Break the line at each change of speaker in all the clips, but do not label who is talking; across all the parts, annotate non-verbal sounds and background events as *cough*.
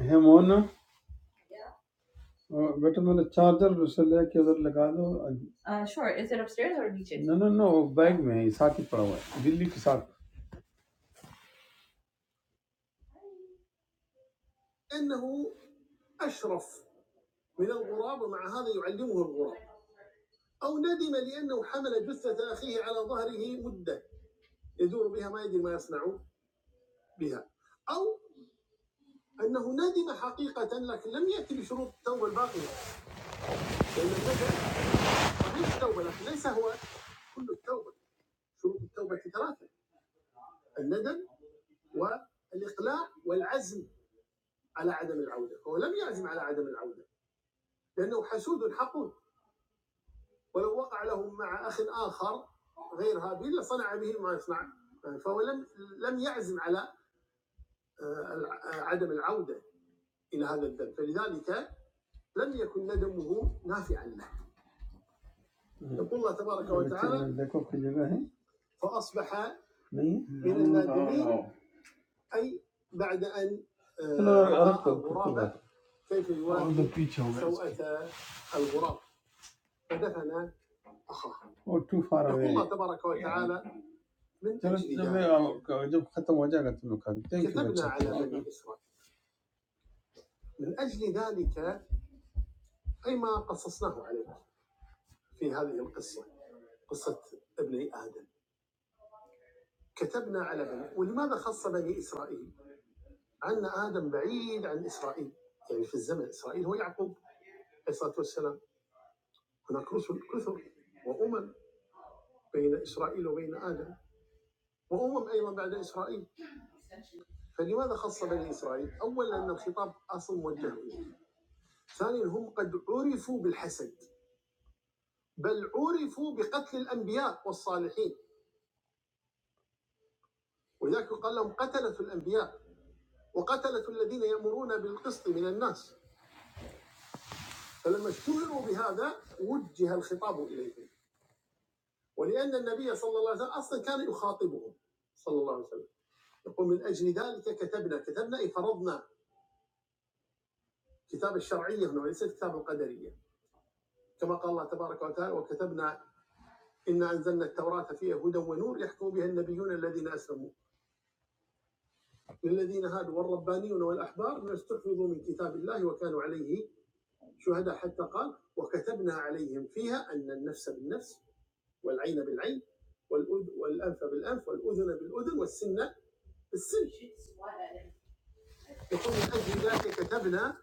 है मोना अ, बेटा मैंने चार्जर से लेके उधर लगा दो Uh, sure. Is it upstairs or नीचे? नो नो नो वो बैग में है साथ ही पड़ा हुआ है दिल्ली के साथ لأنه أشرف من الغراب ومع هذا يعلمه الغراب أو ندم لأنه حمل جثة أخيه على ظهره مدة يدور بها ما يدري ما يصنع بها أو أنه ندم حقيقة لكن لم يأتي بشروط التوبة الباقية لأن الندم قبل التوبة لكن ليس هو كل التوبة شروط التوبة ثلاثة الندم والاقلاع والعزم على عدم العوده، هو لم يعزم على عدم العوده لانه حسود حقود ولو وقع له مع اخ اخر غير هابيل لصنع به ما يصنع فهو لم لم يعزم على آه، عدم العوده الى هذا الذنب فلذلك لم يكن ندمه نافعا له يقول الله تبارك وتعالى فاصبح من النادمين اي بعد ان آه، رأى غرابه كيف يواجه سوءة الغراب فدفن أخاه وتوفر يقول الله تبارك وتعالى من أجل جب ختم وجاء قلت له كان ذلك كتبنا على بني إسرائيل من أجل ذلك أي ما قصصناه عليك في هذه القصة قصة ابني آدم كتبنا على بني ولماذا خص بني إسرائيل أن آدم بعيد عن إسرائيل يعني في الزمن إسرائيل هو يعقوب عليه الصلاة والسلام هناك رسل كثر وأمم بين إسرائيل وبين آدم وأمم أيضا بعد إسرائيل فلماذا خص بني اسرائيل؟ اولا ان الخطاب اصل موجه إليه. ثانيا هم قد عرفوا بالحسد بل عرفوا بقتل الانبياء والصالحين ولذلك يقال لهم قتله الانبياء وقتله الذين يامرون بالقسط من الناس فلما اشتهروا بهذا وجه الخطاب اليهم ولان النبي صلى الله عليه وسلم اصلا كان يخاطبهم صلى الله عليه وسلم يقول من اجل ذلك كتبنا كتبنا اي فرضنا كتاب الشرعيه هنا وليس الكتاب القدريه كما قال الله تبارك وتعالى وكتبنا إنا أنزلنا التوراة فيها هدى ونور يحكم بها النبيون الذين أسلموا للذين هادوا والربانيون والأحبار ما استحفظوا من كتاب الله وكانوا عليه شهداء حتى قال وكتبنا عليهم فيها أن النفس بالنفس والعين بالعين والأذ- والأنف بالأنف والأذن بالأذن والسن بالسن يقول من أجل ذلك كتبنا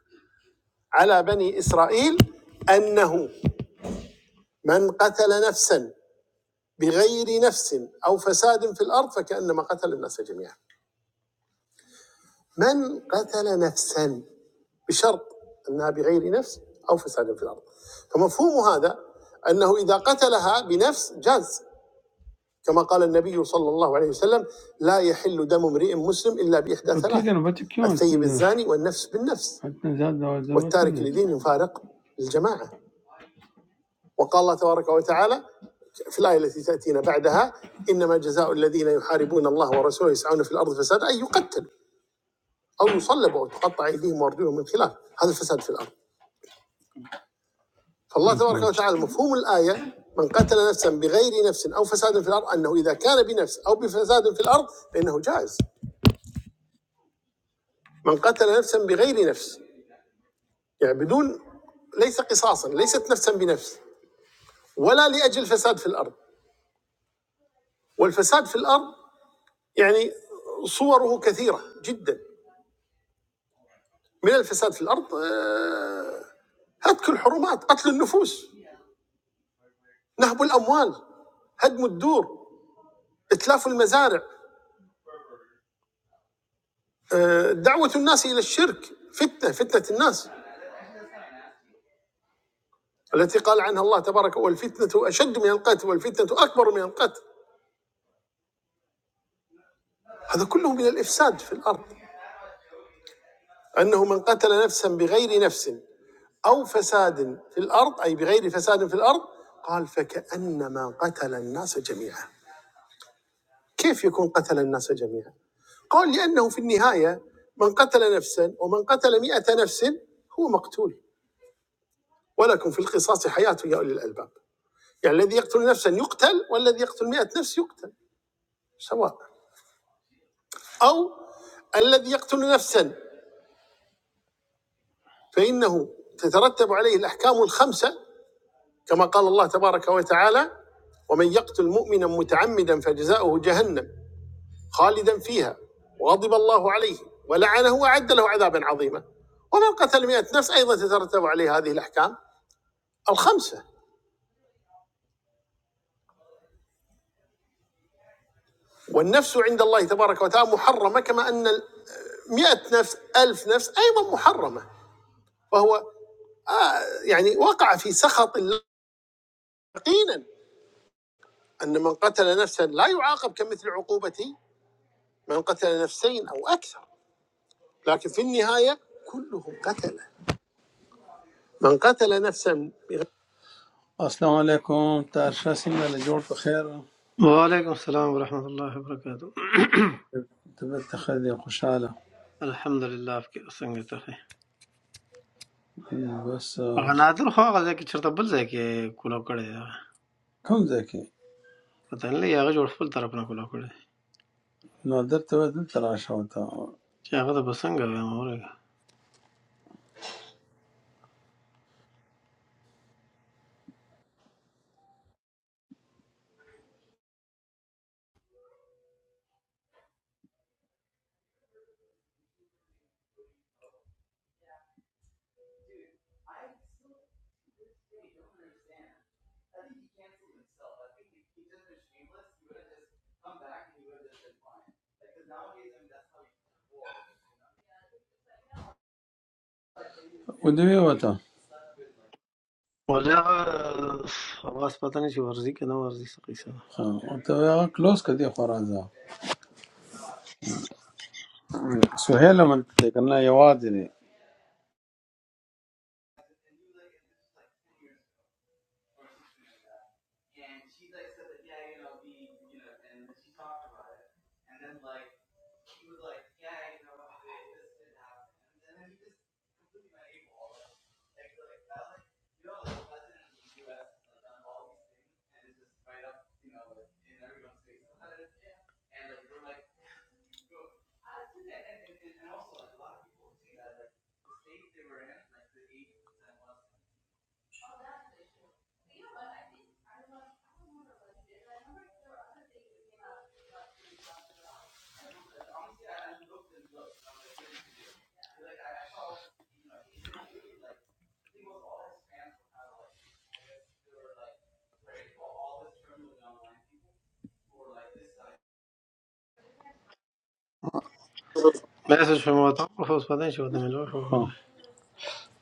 على بني إسرائيل أنه من قتل نفسا بغير نفس أو فساد في الأرض فكأنما قتل الناس جميعا من قتل نفسا بشرط انها بغير نفس او فساد في الارض فمفهوم هذا انه اذا قتلها بنفس جاز كما قال النبي صلى الله عليه وسلم لا يحل دم امرئ مسلم الا باحدى ثلاث وكده نبات كيون الثيب الزاني والنفس بالنفس حتى زاد وزاد والتارك لدين فارق الجماعه وقال الله تبارك وتعالى في الآية التي تأتينا بعدها إنما جزاء الذين يحاربون الله ورسوله يسعون في الأرض فسادا أن يقتلوا او يصلبوا او تقطع ايديهم وارجلهم من خلاف هذا الفساد في الارض فالله تبارك وتعالى مفهوم الايه من قتل نفسا بغير نفس او فساد في الارض انه اذا كان بنفس او بفساد في الارض فانه جائز من قتل نفسا بغير نفس يعني بدون ليس قصاصا ليست نفسا بنفس ولا لاجل فساد في الارض والفساد في الارض يعني صوره كثيره جدا من الفساد في الارض آه، هتك الحرمات قتل النفوس نهب الاموال هدم الدور اتلاف المزارع آه، دعوة الناس إلى الشرك فتنة فتنة الناس التي قال عنها الله تبارك والفتنة أشد من القتل والفتنة أكبر من القتل هذا كله من الإفساد في الأرض أنه من قتل نفسا بغير نفس أو فساد في الأرض أي بغير فساد في الأرض قال فكأنما قتل الناس جميعا كيف يكون قتل الناس جميعا قال لأنه في النهاية من قتل نفسا ومن قتل مئة نفس هو مقتول ولكم في القصاص حياة يا أولي الألباب يعني الذي يقتل نفسا يقتل والذي يقتل مئة نفس يقتل سواء أو الذي يقتل نفسا فإنه تترتب عليه الأحكام الخمسة كما قال الله تبارك وتعالى ومن يقتل مؤمنا متعمدا فجزاؤه جهنم خالدا فيها وغضب الله عليه ولعنه وأعد له عذابا عظيما ومن قتل مئة نفس أيضا تترتب عليه هذه الأحكام الخمسة والنفس عند الله تبارك وتعالى محرمة كما أن مئة نفس ألف نفس أيضا محرمة وهو آه يعني وقع في سخط الله يقينا أن من قتل نفسا لا يعاقب كمثل عقوبة من قتل نفسين أو أكثر لكن في النهاية كلهم قتلة من قتل نفسا بغير السلام علیکم تر ښه څنګه له جوړ په خیر
وعلیکم السلام ورحمۃ اللہ وبرکاتہ
طبیعت ته ښه دی خوشحاله
الحمد لله आपके څنګه ته
بس آه،
هغه نادر خو هغه ځکه چرته بل ځای کې کولا کړی دا
کوم ځای کې
پته نه لګي هغه جوړ خپل طرف نه کولا کړی
نو درته وایي دلته راشه ورته
چې هغه د بسنګ وي مورګه
ودې وته
ولا هغه اوس پته نه چې ورزي کنه ورزي څه قصه
ورته هغه کلوز کړه دې خو راځه سهیل هم دلته دی که نه یوازې
ده مې څه شمو ته خو اوس پته نه چې وته ملو شو
دی
کنه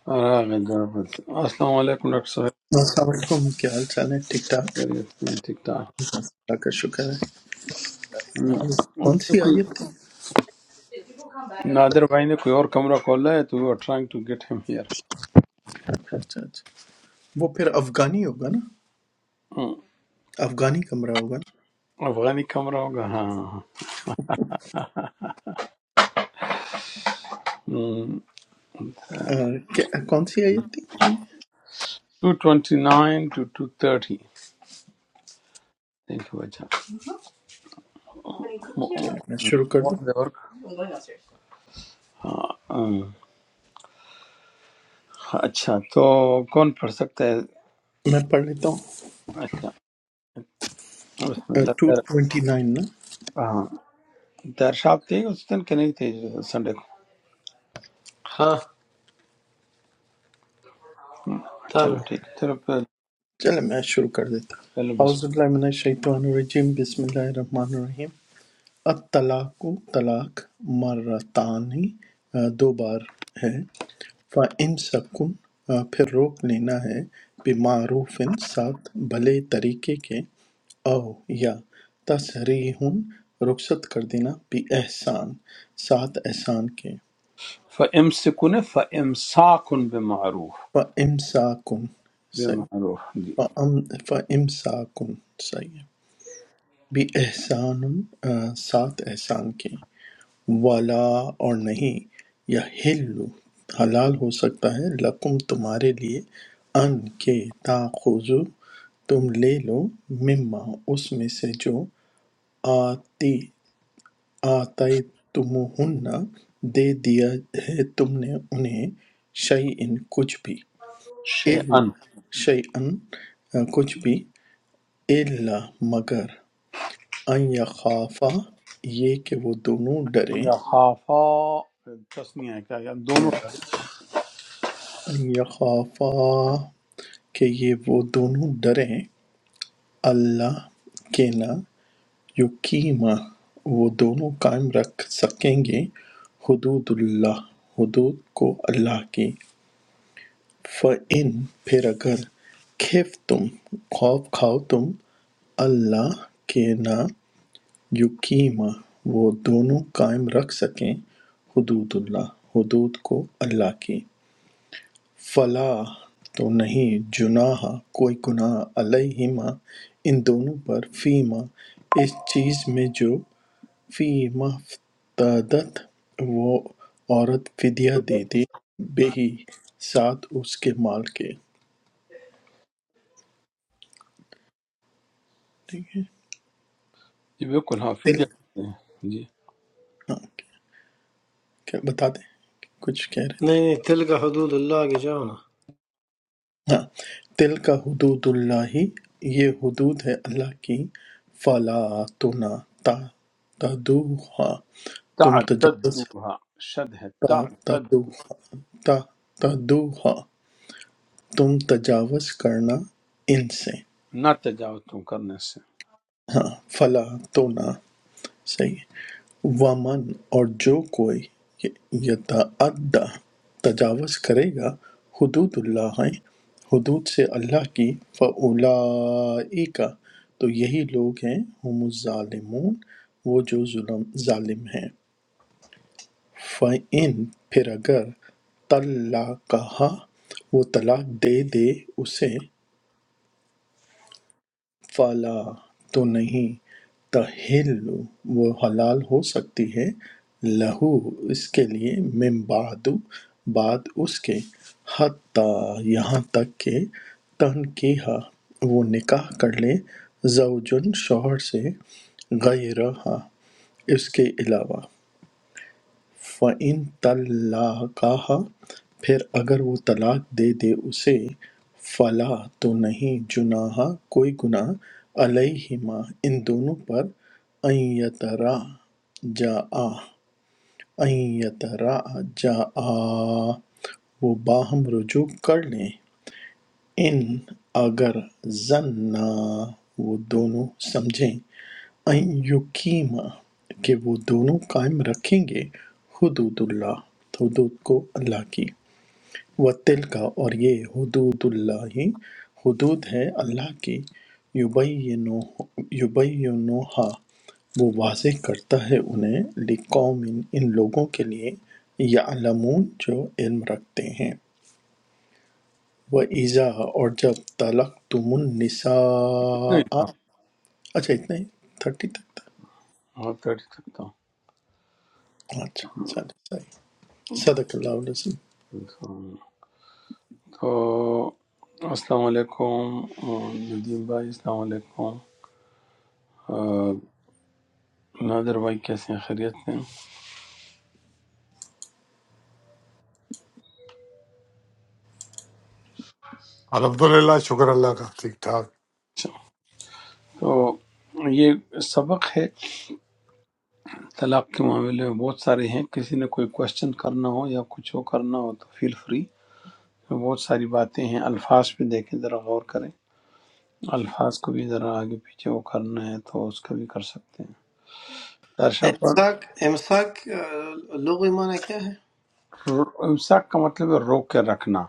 راغد آفت۔ السلام علیکم ڈاکٹر صاحب
السلام علیکم کیا حال چال ہے ٹھیک ٹھاک
خیریت سے ہیں؟ ٹھیک ٹھاک
اللہ کا شکر ہے
ہم۔ اس
کون
نے
سی
کوئی-
آیت تھی
نادر بھائی نے کوئی اور کمرہ کھولا ہے تو we are trying to get ہم ہیئر
اچھا اچھا اچھا، وہ پھر افغانی ہوگا نا افغانی کمرہ ہوگا
افغانی کمرہ ہوگا ہاں ہاں
نا آ، کیا- کون سی آیت تھی
two twenty nine two two thirty thank you اچھا
چلے میں شروع کر دوں
ہاں، ہم۔ اچھا تو کون پڑھ سکتا ہے
میں پڑھ لیتا ہوں
اچھا بسم اللہ
ٹو
تیر
ٹوینٹی نائن نا
ہاں تیر صاحب تھے اس دن کہ نہیں تھے سنڈے کو
ها
ہم،
تمام
چلو ٹھیک چلو پھر-
چلے میں شروع کر دیتا ہوں
چلو
اعوذ باللہ من الشیطان الرجیم بسم اللہ الرحمن الرحیم الطلاق طلاق مرتانی آ، دو بار ہے فَإِمْسَكٌ آ، پھر روک لینا ہے بِمَعْرُوفٍ ساتھ بھلے طریقے کے او یا تَصْرِیحٌ رخصت کر دینا احسان ساتھ احسان کے
فَإِمْسِكُنِ فَإِمْسَاكٌ بِمَعْرُوفٍ
فَإِمْسَاكٌ صحیح
بِمَعْرُوفٍ جی
فَأَم- فَإِمْسَاكٌ صحیح احسان ساتھ احسان کے والا اور نہیں یحل حلال ہو سکتا ہے لکم تمہارے لیے ان کے تاخذو تم لے لو مما اس میں سے جو آتی آتے تمہن دے دیا ہے تم نے انہیں شعی ان کچھ بھی
شَيْئًا
شعی ان کچھ بھی اللہ مگر ان یخافا یہ کہ وہ دونوں ڈریں
یخافا تسنیہ ہے کیا ہم
یا
دونوں ڈالیں؟
ان یخافا کہ یہ وہ دونوں ڈریں اللہ کہ نہ یقیما وہ دونوں قائم رکھ سکیں گے حدود اللہ حدود کو اللہ کی فَإِن پھر اگر خف تم خوف کھاؤ تم اللہ کے نہ یقیما وہ دونوں قائم رکھ سکیں حدود اللہ حدود کو اللہ کی فَلَا تو نہیں جناح کوئی گناہ علیہما ان دونوں پر فیما اس چیز میں جو فیما افتدت وہ عورت فدیہ دے دے بہی ساتھ اس کے مال کے ٹھیک ہے
جی بالکل ہاں فی
تل
جاتے ہیں جی
ہاں کیا- بتا دیں کچھ کہہ رہے
نه
تھے
نه تلك حدود الله کې جاونا
ہاں تل کا حدود اللہ یہ حدود ہے اللہ کی فلا تو نہ تا تدوہا تم تجاوز
تعتدوها شد ہے تعتد
تعتدوها تم تجاوز کرنا ان سے
نہ تجاوز تم کرنے سے
ہاں فلا تو نہ صحیح ومن اور جو کوئی یتعدى تجاوز کرے گا حدود اللہ حدود سے اللہ کی فَأُولَئِكَ تو یہی لوگ ہیں ہم الظالمون وہ جو ظلم ظالم ہیں فَإِن پھر اگر طَلَّقَہا وہ طلاق دے دے اسے فَلَا تو نہیں تَحِلُّ وہ حلال ہو سکتی ہے لَہُ اس کے لیے من بعد بعد اس کے حتیٰ یہاں تک کہ تنکیہ وہ نکاح کر لے زوجن شوہر سے غیرہا اس کے علاوہ فَإِن طَلَّقَهَا پھر اگر وہ طلاق دے دے اسے فَلَا تو نہیں جناح کوئی گناہ علیہما ان دونوں پر ان یتراجعا ان یتراجعا وہ باہم رجوع کر لیں ان اگر زنا وہ دونوں سمجھیں یقیمہ کہ وہ دونوں قائم رکھیں گے حدود اللہ حدود کو اللہ کی و کا اور یہ حدود اللہ ہی حدود ہے اللہ کی یبینوہا وہ واضح کرتا ہے انہیں لقوم ان لوگوں کے لیے یعلمون جو علم رکھتے ہیں وہ ایزا اور جب طلق تم
اتنا ہی
النساء
تھا
اچھا اتنا ہی تھرٹی تک تھا
میں کر سکتا
اچھا چلو صدق اللہ علیہ وسلم
ہوں تو السلام علیکم ندیم بھائی السلام علیکم آ، نادر بھائی کیسے ہیں خیریت ہیں
الحمدللہ شکر اللہ کا ٹھیک ٹھاک
اچھا، تو یہ سبق ہے طلاق کے معاملے میں بہت سارے ہیں کسی نے کوئی کوشچن کرنا ہو یا کچھ ہو کرنا ہو تو فیل فری بہت ساری باتیں ہیں الفاظ پہ دیکھیں ذرا غور کریں الفاظ کو بھی ذرا آگے پیچھے وہ کرنا ہے تو اس کا بھی کر سکتے ہیں درشا پر
امساک امساک لغوی معنی کیا ہے
امساک کا مطلب ہے روک کے رکھنا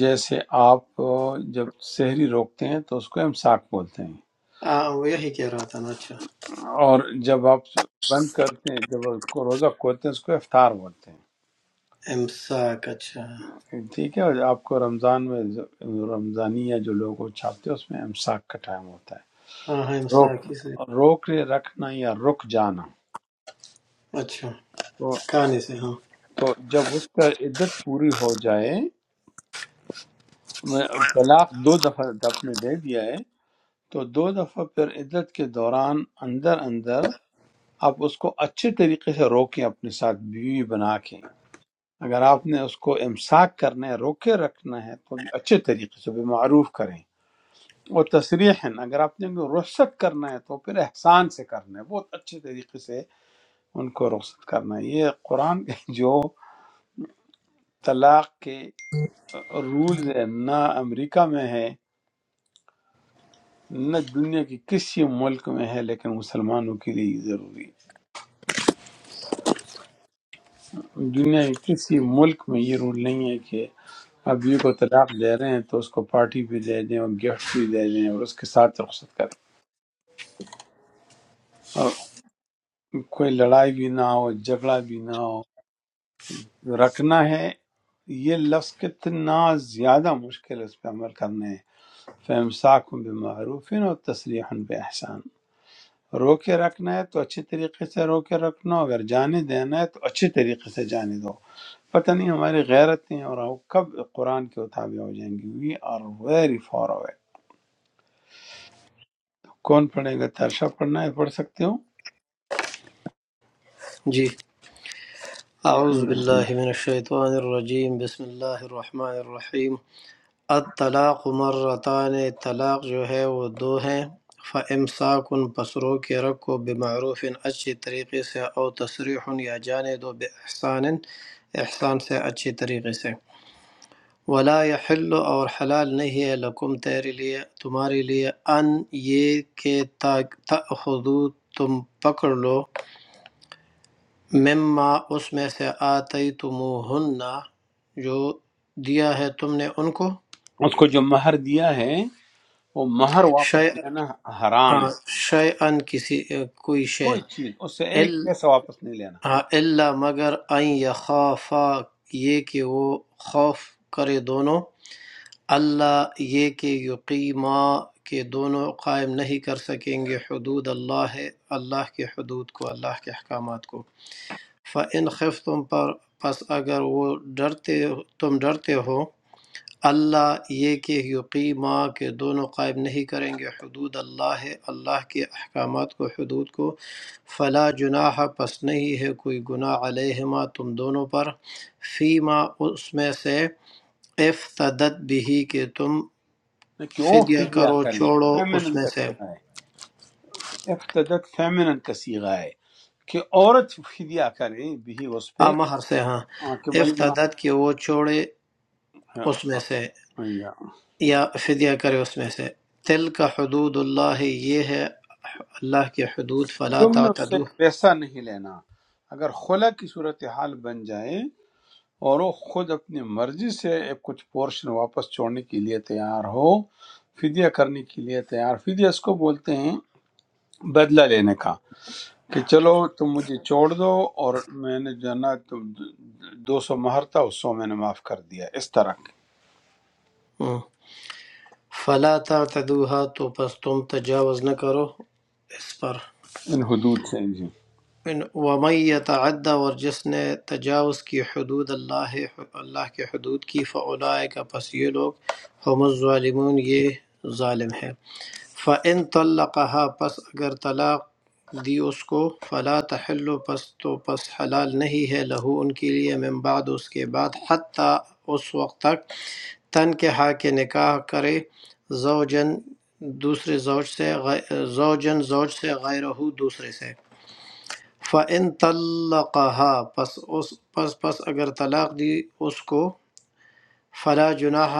جیسے آپ آ، جب شہری روکتے ہیں تو اس کو امساک بولتے ہیں
آ، وہ یہی کہہ رہا تھا نا اچھا
اور جب آپ بند کرتے ہیں جب آپ کو روزہ کھولتے ہیں اس کو افطار بولتے ہیں
امساک اچھا
ٹھیک ہے اور آپ کو رمضان میں رمضانیہ جو لوگ وہ چھاپتے ہیں اس میں امساک کا ٹائم ہوتا ہے
ہاں ہاں
روک
امساک ہی
اور روک رے- رکھنا یا رک جانا
اچھا
تو
کہانی سے ہاں
تو جب اس کا عدت پوری ہو جائے میں طلاق دو دفعہ آپ نے دے دیا ہے تو دو دفعہ پھر عدت کے دوران اندر اندر آپ اس کو اچھے طریقے سے روکیں اپنے ساتھ بیوی بنا کے اگر آپ نے اس کو امساک کرنا ہے روکے رکھنا ہے تو بھی اچھے طریقے سے بے معروف کریں وہ تصریح اگر آپ نے ان کو رخصت کرنا ہے تو پھر احسان سے کرنا ہے بہت اچھے طریقے سے ان کو رخصت کرنا ہے یہ قرآن کے *laughs* جو طلاق کے رولز ہیں نہ امریکہ میں ہے نہ دنیا کے کسی ملک میں ہے لیکن مسلمانوں کے لیے ضروری ہے دنیا کے کسی ملک میں یہ رول نہیں ہے کہ آپ بیوی کو طلاق دے رہے ہیں تو اس کو پارٹی بھی دے دیں اور گفٹ بھی دے دیں اور اس کے ساتھ رخصت کریں اور کوئی لڑائی بھی نہ ہو جھگڑا بھی نہ ہو رکھنا ہے یہ لفظ کتنا زیادہ مشکل ہے اس پہ عمل کرنے فَإِمْسَاكٌ بِمَعْرُوفٍ اور تسریحاً بِإِحْسَان رو کے رکھنا ہے تو اچھے طریقے سے رو کے رکھنا اگر جانے دینا ہے تو اچھے طریقے سے جانے دو پتہ نہیں ہماری غیرتیں اور ہم کب قرآن کے اتابع ہو جائیں گی we are very far away کون پڑھے گا ترشا پڑھنا ہے پڑھ سکتے ہو
جی اعوذ
بسم
باللہ
اللہ
من الشیطان الرجیم بسم اللہ الرحمن الرحیم الطلاق مرتان طلاق جو ہے وہ دو ہیں فَإِمْسَاكٌ پسرو کے رکھو بمعروف اچھی طریقے سے او تصریح یا جانے دو بِإِحْسَانٍ احسان سے اچھی طریقے سے ولا یحل اور حلال نہیں ہے لکم تیرے لیے تمہارے لیے ان یہ کہ تاخذو تم پکڑ لو مما اس میں سے آتی جو دیا ہے تم نے ان کو
اس کو جو مہر دیا ہے وہ مہر
شے
واپس لینا حرام
ہاں،
ہے
شے ان کسی کوئی شے
کوئی چیز اس سے ایک
ال-
پیسہ واپس نہیں لینا
ہاں، الا مگر ان یخافا یہ کہ وہ خوف کرے دونوں اللہ یہ کہ یقیما کہ دونوں قائم نہیں کر سکیں گے حدود اللہ ہے اللہ کے حدود کو اللہ کے احکامات کو فَإِنْ خِفْتُمْ پر پس اگر وہ ڈرتے تم ڈرتے ہو اللہ یہ کہ یقیما کے دونوں قائم نہیں کریں گے حدود اللہ ہے اللہ کے احکامات کو حدود کو فلا جناح پس نہیں ہے کوئی گناہ علیہما تم دونوں پر فیما اس میں سے افتدت بھی کہ تم
نہ کہ وہ
فدیہ
فدیہ
کرو
کریں
چھوڑو اس
فیمنن
میں
کا
سے
صیغہ ہے افتدت فیمنن کا صیغہ ہے کہ عورت فدیہ کرے بھی اس پہ
آمہر سے ہاں
ہاں، کہ بھائی ما-
افتدت کہ وہ چھوڑے اس میں سے یا فدیہ کرے اس میں سے تل کا حدود اللہ یہ ہے اللہ کی حدود فلا
تم نے اس سے
تعتدو
ایک پیسہ نہیں لینا اگر خلا کی صورتحال بن جائے اور وہ خود اپنی مرضی سے ایک کچھ پورشن واپس چھوڑنے کے لیے تیار ہو فدیہ کرنے کے لیے تیار فدیہ اس کو بولتے ہیں بدلہ لینے کا کہ چلو تم مجھے چھوڑ دو اور میں نے جو ہے نا تو دو سو مہر تھا اس سو میں نے معاف کر دیا اس طرح کے
ہوں۔ فَلَا تَعْتَدُوهَا تو پس تم تجاوز نہ کرو اس پر
ان حدود سے جی
وَمَن يَتَعَدَّ اور جس نے تجاوز کی حدود اللہ اللہ کے حدود کی فَأُولَئِكَ پس یہ لوگ هم الظالمون یہ ظالم ہیں فَإِن طَلَّقَهَا پس اگر طلاق دی اس کو فلا تحل پس تو پس حلال نہیں ہے لہو ان کے لیے من بعد اس کے بعد حتیٰ اس وقت تک تن کے ہا کہ نکاح کرے زوجن دوسرے زوج سے غی- زوجن زوج سے غیرہو دوسرے سے فَإِن طلقها پس اس پس پس اگر طلاق دی اس کو فلا جناح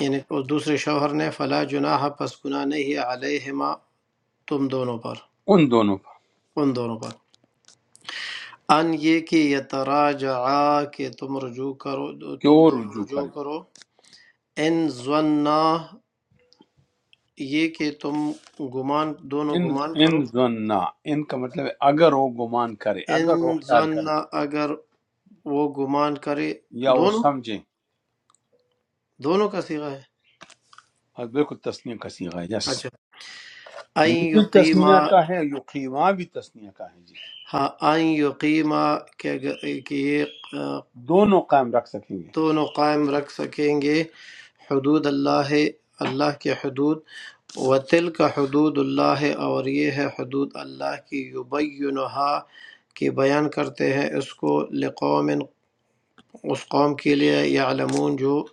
یعنی اس دوسرے شوہر نے فلا جناح پس گناہ نہیں ہے علیہما تم دونوں پر
ان دونوں پر
ان دونوں پر ان یہ کہ یتراجعا کہ تم رجوع کرو
کہ
تم
وہ
دونوں
رجوع
رجوع
کریں
کرو ان ظنا یہ کہ تم گمان دونوں
ان
گمان
ان
کرو
ظننا ان کا مطلب ہے اگر وہ گمان کرے اگر وہ
ان
خیال
ظن
کرے
اگر وہ گمان کرے
یا وہ
دونوں
سمجھے
دونوں کا صیغہ ہے
اور بالکل تسنیہ کا سیغہ ہے یس
اچھا
یہ
این
بھی
یقیما
تسنیہ کا ہے یقیمہ بھی تسنیہ کا ہے جی
ہاں این یقیما کہ اگر- کہ یہ آ،
دونوں قائم رکھ سکیں گے
دونوں قائم رکھ سکیں گے حدود اللہ ہے، اللہ کے حدود وتل کا حدود اللہ ہے اور یہ ہے حدود اللہ کی یبینہا کہ بیان کرتے ہیں اس کو لقوم اس قوم کے لیے یعلمون جو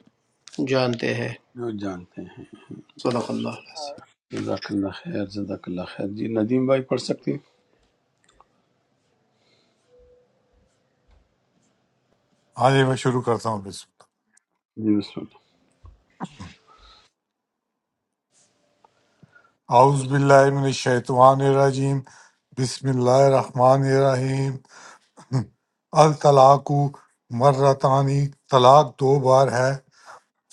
جانتے ہیں
جو جانتے ہیں
صدق اللہ علیہ وسلم۔
جزاک اللہ خیر جزاک اللہ خیر جی ندیم بھائی پڑھ سکتے ہیں
ہاں جی میں شروع کرتا ہوں بسم
جی بسم
اللہ اعوذ باللہ من الشیطان الرجیم بسم اللہ الرحمن الرحیم الطلاق مرتانی طلاق دو بار ہے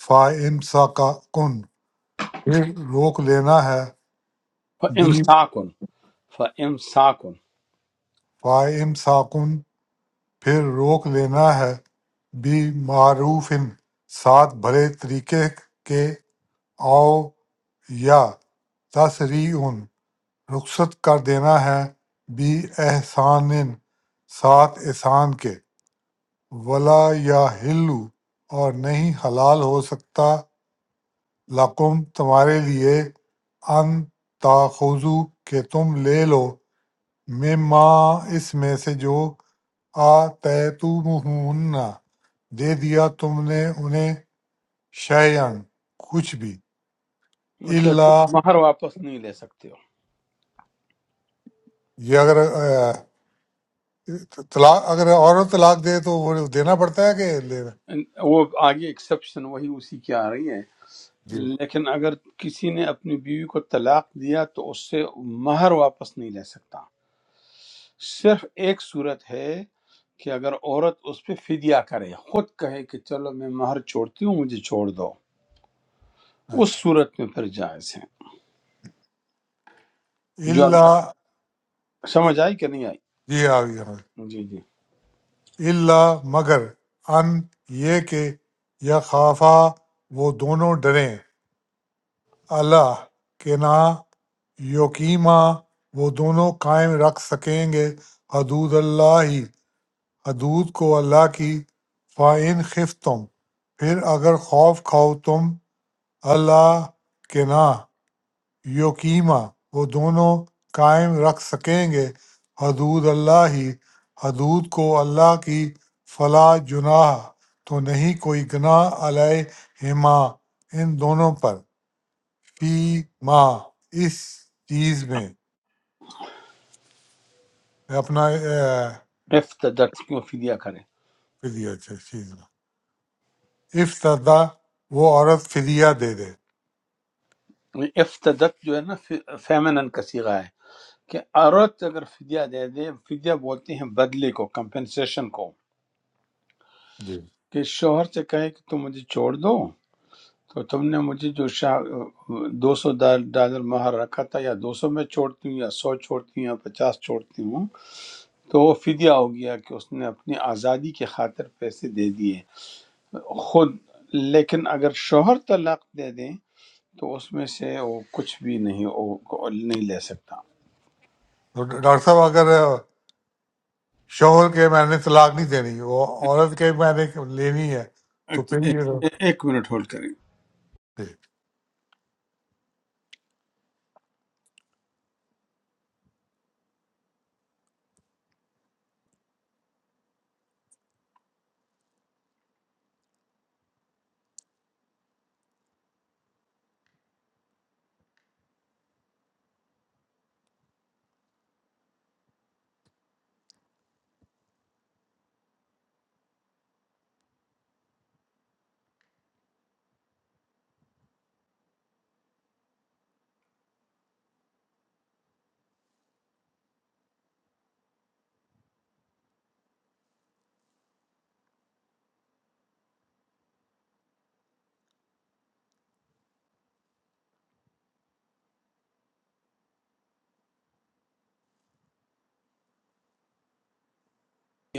فا سا کا کن پھر روک لینا ہے
اللہ
بی
امساکن فَإِمْسَاكُمْ
فا سا کن پھر روک لینا ہے بی معروف ساتھ بھلے طریقے کے آؤ یا تصریح رخصت کر دینا ہے بی احسان ساتھ احسان کے ولا یا ہلو اور نہیں حلال ہو سکتا لقم تمہارے لیے ان تاخذو کہ تم لے لو مما اس میں سے جو آتیتموہن دے دیا تم نے انہیں شیئن کچھ بھی
مطلب تم
اللہ
مہر واپس نہیں لے سکتے ہو
طلاق اگر عورت طلاق دے تو وہ دینا پڑتا ہے کہ لینا
ان- وہ آگے ایکسیپشن وہی اسی کی آ رہی ہے
جی
لیکن اگر کسی نے اپنی بیوی کو طلاق دیا تو اس سے مہر واپس نہیں لے سکتا صرف ایک صورت ہے کہ اگر عورت اس پہ فدیہ کرے خود کہے کہ چلو میں مہر چھوڑتی ہوں مجھے چھوڑ دو اس
اچھا
صورت میں پھر جائز ہے جو اب
اللہ
تک سمجھ آئی کہ نہیں
جی آ گیا سمجھ۔
آئی جی جی
اللہ مگر ان یہ کہ یا خافا وہ دونوں ڈریں اللہ کہ نہ یوکیما وہ دونوں قائم رکھ سکیں گے حدود اللہ ہی حدود کو اللہ کی فائن خف تم پھر اگر خوف کھاؤ تم اللہ کے نہ یقیمہ وہ دونوں قائم رکھ سکیں گے حدود اللہ ہی حدود کو اللہ کی فلا جناح تو نہیں کوئی گناہ علیہما ان دونوں پر فی ما اس چیز میں اپنا اے،
افتدت کیوں فدیہ کرے
فدیہ اچھا چیز میں افتدا وہ عورت فدیہ دے دے
افتدت جو ہے نا فیمنن کا صیغہ ہے کہ عورت اگر فدیہ دے دے فدیہ بولتے ہیں بدلے کو کمپنسیشن کو
جی
کہ شوہر سے کہے کہ تم مجھے چھوڑ دو تو تم نے مجھے جو شاہ دو سو ڈالر مہر رکھا تھا یا دو سو میں چھوڑتی ہوں یا سو چھوڑتی ہوں یا پچاس چھوڑتی ہوں تو وہ فدیہ ہو گیا کہ اس نے اپنی آزادی کی خاطر پیسے دے دیے خود لیکن اگر شوہر طلاق دے دیں تو اس میں سے وہ کچھ بھی نہیں وہ نہیں لے سکتا
تو ڈاکٹر صاحب اگر شوہر کے میں نے طلاق نہیں دینی وہ عورت کے میں نے لینی ہے تو
ایک
پھر
ایک-
یہ
ایک منٹ ہولڈ کریں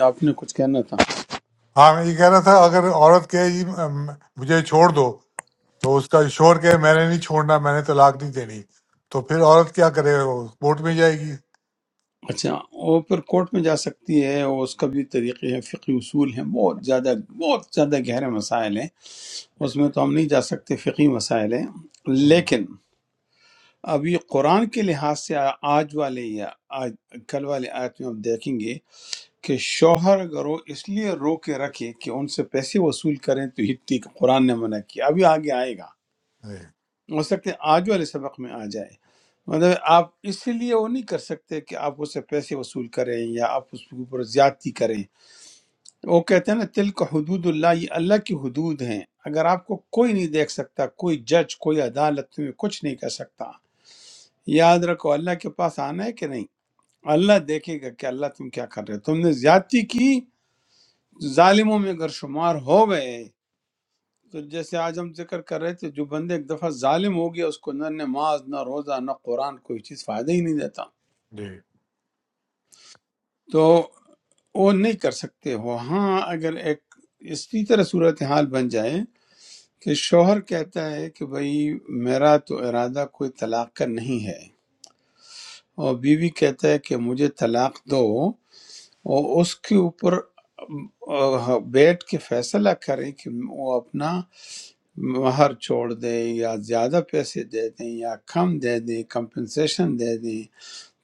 آپ نے کچھ کہنا تھا
ہاں میں یہ کہہ رہا تھا اگر عورت کہے جی م- مجھے چھوڑ دو تو اس کا شور کہے میں نے نہیں چھوڑنا میں نے طلاق نہیں دینی تو پھر عورت کیا کرے وہ کورٹ میں جائے گی
اچھا وہ پھر کورٹ میں جا سکتی ہے اور اس کا بھی طریقے ہیں فقی اصول ہیں بہت زیادہ بہت زیادہ گہرے مسائل ہیں
جی
اس میں تو ہم نہیں جا سکتے فقی مسائل ہیں
ہم،
لیکن ابھی قرآن کے لحاظ سے آج والے یا آج کل والے آیت میں ہم دیکھیں گے کہ شوہر اگر وہ اس لیے رو کے رکھے کہ ان سے پیسے وصول کریں تو ہتی قرآن نے منع کیا ابھی آگے آئے گا
جی
ہو سکتے ہیں آج والے سبق میں آ جائے مطلب آپ اس لیے وہ نہیں کر سکتے کہ آپ اس سے پیسے وصول کریں یا آپ اس کے اوپر زیادتی کریں وہ کہتے ہیں نا تل کا حدود اللہ یہ اللہ کی حدود ہیں اگر آپ کو کوئی نہیں دیکھ سکتا کوئی جج کوئی عدالت میں کچھ نہیں کر سکتا یاد رکھو اللہ کے پاس آنا ہے کہ نہیں اللہ دیکھے گا کہ اللہ تم کیا کر رہے ہو تم نے زیادتی کی ظالموں میں اگر شمار ہو گئے تو جیسے آج ہم ذکر کر رہے تھے جو بندے ایک دفعہ ظالم ہو گیا اس کو نہ نماز نہ روزہ نہ قرآن کوئی چیز فائدہ ہی نہیں دیتا
جی
تو وہ نہیں کر سکتے ہو ہاں اگر ایک اسی طرح صورتحال بن جائے کہ شوہر کہتا ہے کہ بھئی میرا تو ارادہ کوئی طلاق کا نہیں ہے اور بیوی کہتا ہے کہ مجھے طلاق دو اور اس کے اوپر آہ، بیٹھ کے فیصلہ کریں کہ وہ اپنا مہر چھوڑ دیں یا زیادہ پیسے دے دیں یا کم دے دیں کمپنسیشن دے دیں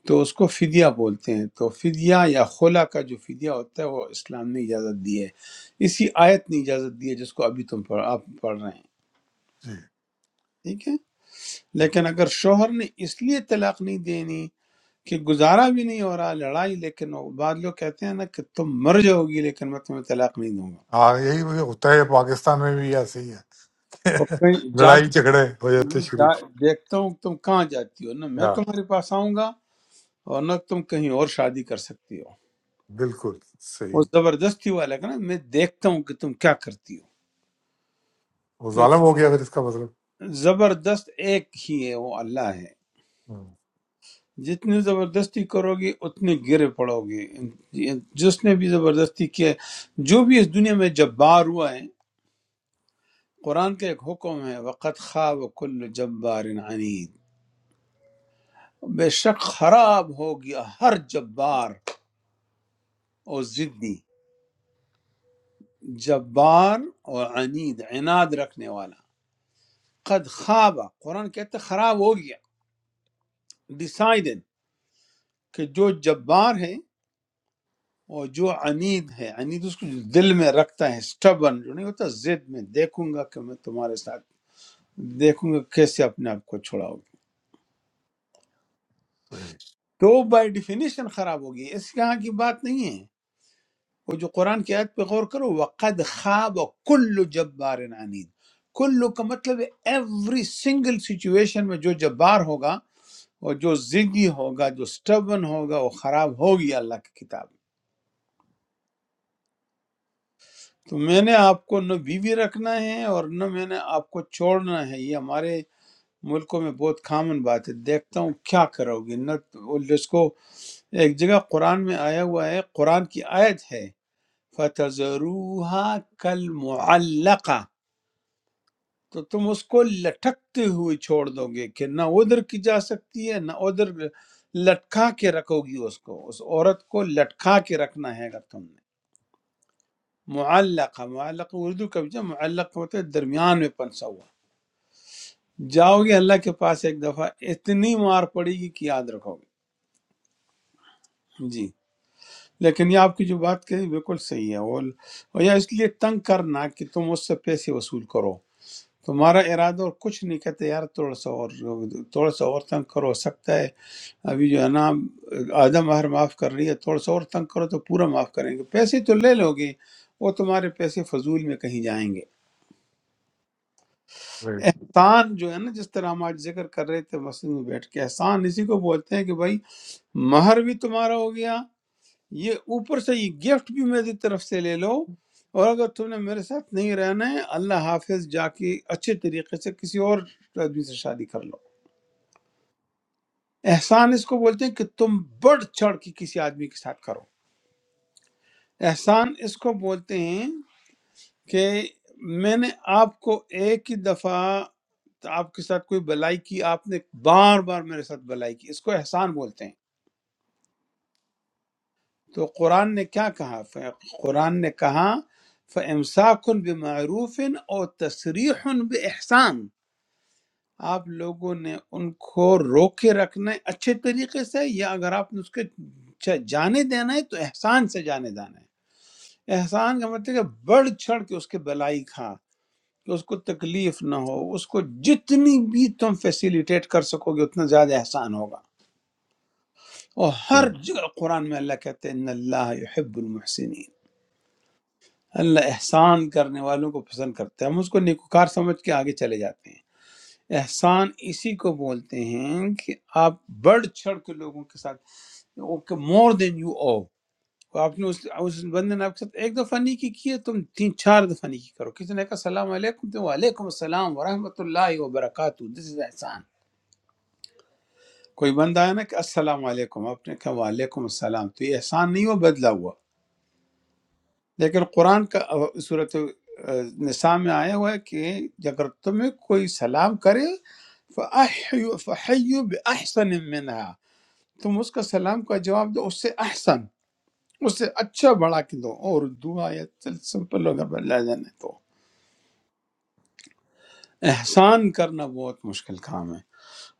تو اس کو فدیہ بولتے ہیں تو فدیہ یا خلا کا جو فدیہ ہوتا ہے وہ اسلام نے اجازت دی ہے اسی آیت نے اجازت دی ہے جس کو ابھی تم پڑھ آپ پڑھ رہے ہیں
جی۔
ٹھیک ہے لیکن اگر شوہر نے اس لیے طلاق نہیں دینی کہ گزارا بھی نہیں ہو رہا لڑائی لیکن وہ بعض لوگ کہتے ہیں نا کہ تم مر جاؤ گی لیکن میں تمہیں طلاق نہیں دوں گا
ہاں یہی ہوتا ہے پاکستان میں بھی ایسے ہی ہے
اور
*laughs*
کہیں جا
لڑائی
کے
جھگڑے ہو جاتے
میں
شروع
جا- دیکھتا ہوں کہ تم کہاں جاتی ہو نہ
سے۔
میں
ہاں
تمہارے پاس آؤں گا اور نہ تم کہیں اور شادی کر سکتی ہو
بالکل
وہ
صحیح
زبردستی والا کہ نا میں دیکھتا ہوں کہ تم کیا کرتی ہو
وہ
تو
ظالم ہو گیا پھر اس کا مطلب
زبردست ایک ہی ہے وہ اللہ ہے
ہم،
جتنی زبردستی کرو گے اتنے گرے پڑو گے جس نے بھی زبردستی کیا ہے، جو بھی اس دنیا میں جبار ہوا ہے قرآن کا ایک حکم ہے وقت خواب کل جبار عنید بے شک خراب ہو گیا ہر جبار اور ضدی جبار اور عنید عناد رکھنے والا قد خواب قرآن کہتا ہے خراب ہو گیا ڈیسائیڈڈ کہ جو جبار ہے اور جو عنید ہے عنید اس کو جو دل میں رکھتا ہے سٹبن جو نہیں ہوتا زد میں دیکھوں گا کہ میں تمہارے ساتھ دیکھوں گا کیسے اپنے آپ کو چھڑاؤ گے
صحیح
تو وہ بائی ڈیفینیشن خراب ہوگی اس کے یہاں کی بات نہیں ہے وہ جو قرآن کی آیت پہ غور کرو وقد خواب کل جبار عنید کلو کا مطلب ہے ایوری سنگل سچویشن میں جو جبار ہوگا اور جو ضدی ہوگا جو سٹبن ہوگا وہ خراب ہوگی اللہ کی کتاب میں۔ تو میں نے آپ کو نہ بیوی رکھنا ہے اور نہ میں نے آپ کو چھوڑنا ہے یہ ہمارے ملکوں میں بہت کامن بات ہے دیکھتا ہوں کیا کرو گے نہ وہ جس کو ایک جگہ قرآن میں آیا ہوا ہے قرآن کی آیت ہے فَتَذَرُوهَا كَالْمُعَلَّقَةِ تو تم اس کو لٹکتے ہوئے چھوڑ دو گے کہ نہ ادھر کی جا سکتی ہے نہ ادھر لٹکا کے رکھو گی اس کو اس عورت کو لٹکا کے رکھنا ہے اگر تم نے معلقہ معلق اردو کا جو معلق ہوتا ہے درمیان میں پنسا ہوا جاؤ گے اللہ کے پاس ایک دفعہ اتنی مار پڑے گی کہ یاد رکھو گے جی لیکن یہ آپ کی جو بات کہی بالکل صحیح ہے وہ یا اس لیے تنگ کرنا کہ تم اس سے پیسے وصول کرو تمہارا ارادہ اور کچھ نہیں کہتے یار تھوڑا سا اور تھوڑا سا اور تنگ کرو ہو سکتا ہے ابھی جو ہے نا آدھا مہر معاف کر رہی ہے تھوڑا سا اور تنگ کرو تو پورا معاف کریں گے پیسے تو لے لو گے وہ تمہارے پیسے فضول میں کہیں جائیں گے
صحیح،
احسان جو ہے نا جس طرح ہم آج ذکر کر رہے تھے مسجد میں بیٹھ کے احسان اسی کو بولتے ہیں کہ بھائی مہر بھی تمہارا ہو گیا یہ اوپر سے یہ گفٹ بھی میری طرف سے لے لو اور اگر تم نے میرے ساتھ نہیں رہنا ہے اللہ حافظ جا کے اچھے طریقے سے کسی اور آدمی سے شادی کر لو احسان اس کو بولتے ہیں کہ تم بڑھ چڑھ کے کسی آدمی کے ساتھ کرو احسان اس کو بولتے ہیں کہ میں نے آپ کو ایک ہی دفعہ آپ کے ساتھ کوئی بلائی کی آپ نے بار بار میرے ساتھ بلائی کی اس کو احسان بولتے ہیں تو قرآن نے کیا کہا ف- قرآن نے کہا فَإِمْسَاكٌ بِمَعْرُوفٍ اور تَسْرِيحٌ بِإِحْسَان آپ لوگوں نے ان کو روک کے رکھنا ہے اچھے طریقے سے یا اگر آپ نے اس کے چ- جانے دینا ہے تو احسان سے جانے دینا ہے احسان کا مطلب ہے کہ بڑھ چڑھ کے اس کے بلائی کھا کہ اس کو تکلیف نہ ہو اس کو جتنی بھی تم فیسیلیٹیٹ کر سکو گے اتنا زیادہ احسان ہوگا اور ہر جگہ قرآن میں اللہ کہتے ہیں ان اللہ یحب المحسنین اللہ احسان کرنے والوں کو پسند کرتا ہے ہم اس کو نیکوکار سمجھ کے آگے چلے جاتے ہیں احسان اسی کو بولتے ہیں کہ آپ بڑھ چڑھ کے لوگوں کے ساتھ اوکے مور دین یو او آپ نے اس, اس بندے نے آپ کے ساتھ ایک دفعہ نیکی کی ہے تم تین چار دفعہ نیکی کرو کسی نے کہا السلام علیکم تو وعلیکم السلام ورحمۃ اللہ وبرکاتہ دس از احسان کوئی بندہ آیا نا کہ السلام علیکم آپ نے کہا وعلیکم السلام تو یہ احسان نہیں ہو بدلہ ہوا لیکن قرآن کا صورت نساء میں آیا ہوا ہے کہ اگر تمہیں کوئی سلام کرے فَأَحْيُ فَحَيُّ بِأَحْسَنٍ مِّنْهَا تم اس کا سلام کا جواب دو اس سے احسن اس سے اچھا بڑھا کے دو اور دعا یا چل سمپل اگر بدلا جانے تو احسان کرنا بہت مشکل کام ہے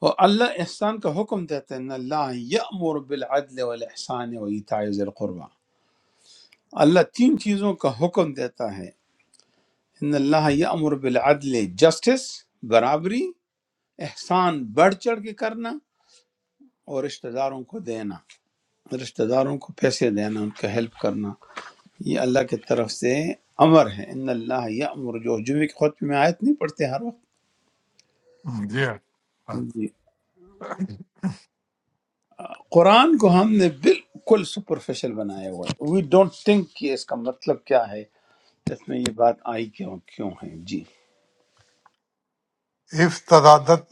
اور اللہ احسان کا حکم دیتا ہے ان اللہ یأمر بالعدل والاحسان و ایتاء ذی القربہ اللہ تین چیزوں کا حکم دیتا ہے ان اللہ یامر بالعدل جسٹس برابری احسان بڑھ چڑھ کے کرنا اور رشتہ داروں کو دینا رشتہ داروں کو پیسے دینا ان کا ہیلپ کرنا یہ اللہ کی طرف سے امر ہے ان اللہ یامر جو جمعے کی خود میں آیت نہیں پڑھتے ہر
صحیح۔ جی ہاں
وقت جی قرآن کو ہم نے بالکل سپرفیشل بنایا ہوا ہے وی ڈونٹ تھنک کہ اس کا مطلب کیا ہے اس میں یہ بات آئی کیوں کیوں ہے جی
افتادت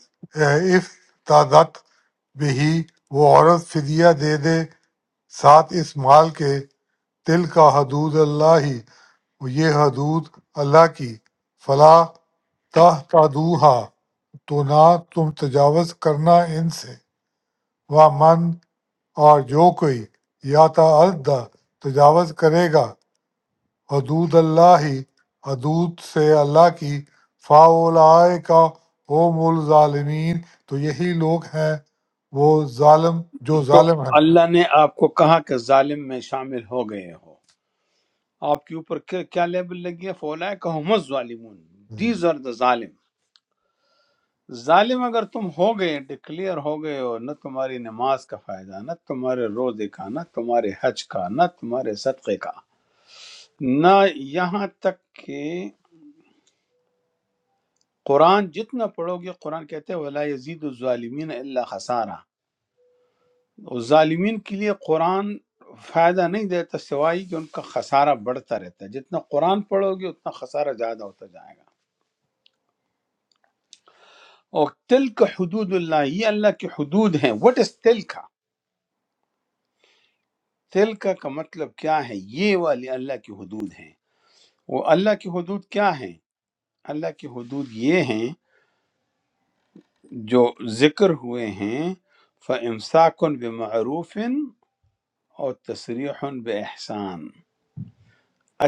افتادت بہی وہ عورت فدیہ دے دے ساتھ اس مال کے تل کا حدود اللہ ہی وہ یہ حدود اللہ کی فلا تہ تو نہ تم تجاوز کرنا ان سے وہ من اور جو کوئی یا تعدہ تجاوز کرے گا حدود اللہ ہی حدود سے اللہ کی فاولائے کا هم الظالمین تو یہی لوگ ہیں وہ ظالم جو
تو
ظالم ہیں
اللہ نے آپ کو کہا کہ ظالم میں شامل ہو گئے ہو آپ کے اوپر کیا کیا لیبل لگی ہے فولا کہ ہم الظالمون دیز آر دا ظالم ظالم اگر تم ہو گئے ڈکلیئر ہو گئے ہو نہ تمہاری نماز کا فائدہ نہ تمہارے روزے کا نہ تمہارے حج کا نہ تمہارے صدقے کا نہ یہاں تک کہ قرآن جتنا پڑھو گے قرآن کہتے ہیں ولا یزید الظالمین الا خسارہ ظالمین کے لیے قرآن فائدہ نہیں دیتا سوائے کہ ان کا خسارہ بڑھتا رہتا ہے جتنا قرآن پڑھو گے اتنا خسارہ زیادہ ہوتا جائے گا اور تلک حدود اللہ یہ اللہ کی حدود ہیں وٹ از تلکا تلکا کا مطلب کیا ہے یہ والے اللہ کی حدود ہیں وہ اللہ کی حدود کیا ہیں اللہ کی حدود یہ ہیں جو ذکر ہوئے ہیں فَإِمْسَاكٌ بِمَعْرُوفٍ اور تصریح بِإِحْسَان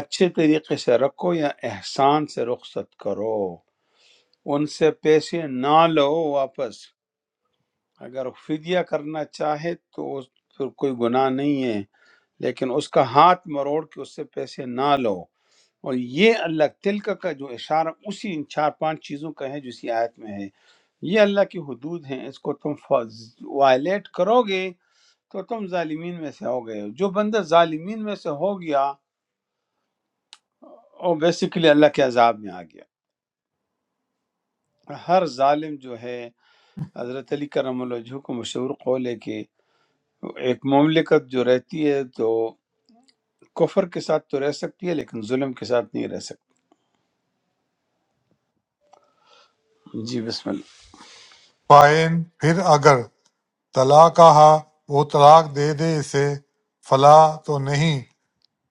اچھے طریقے سے رکھو یا احسان سے رخصت کرو ان سے پیسے نہ لو واپس اگر فدیہ کرنا چاہے تو اس پھر کوئی گناہ نہیں ہے لیکن اس کا ہاتھ مروڑ کے اس سے پیسے نہ لو اور یہ اللہ تلک کا جو اشارہ اسی ان چار پانچ چیزوں کا ہے جو اسی آیت میں ہے یہ اللہ کی حدود ہیں اس کو تم وائلیٹ کرو گے تو تم ظالمین میں سے ہو گئے ہو۔ جو بندہ ظالمین میں سے ہو گیا وہ بیسیکلی اللہ کے عذاب میں آ گیا ہر ظالم جو ہے حضرت علی کرم اللہ وجہہ کو مشہور قول ہے کہ ایک مملکت جو رہتی ہے تو کفر کے ساتھ تو رہ سکتی ہے لیکن ظلم کے ساتھ نہیں رہ سکتی جی بسم اللہ
فائن پھر اگر طلاق کہا وہ طلاق دے دے اسے فلا تو نہیں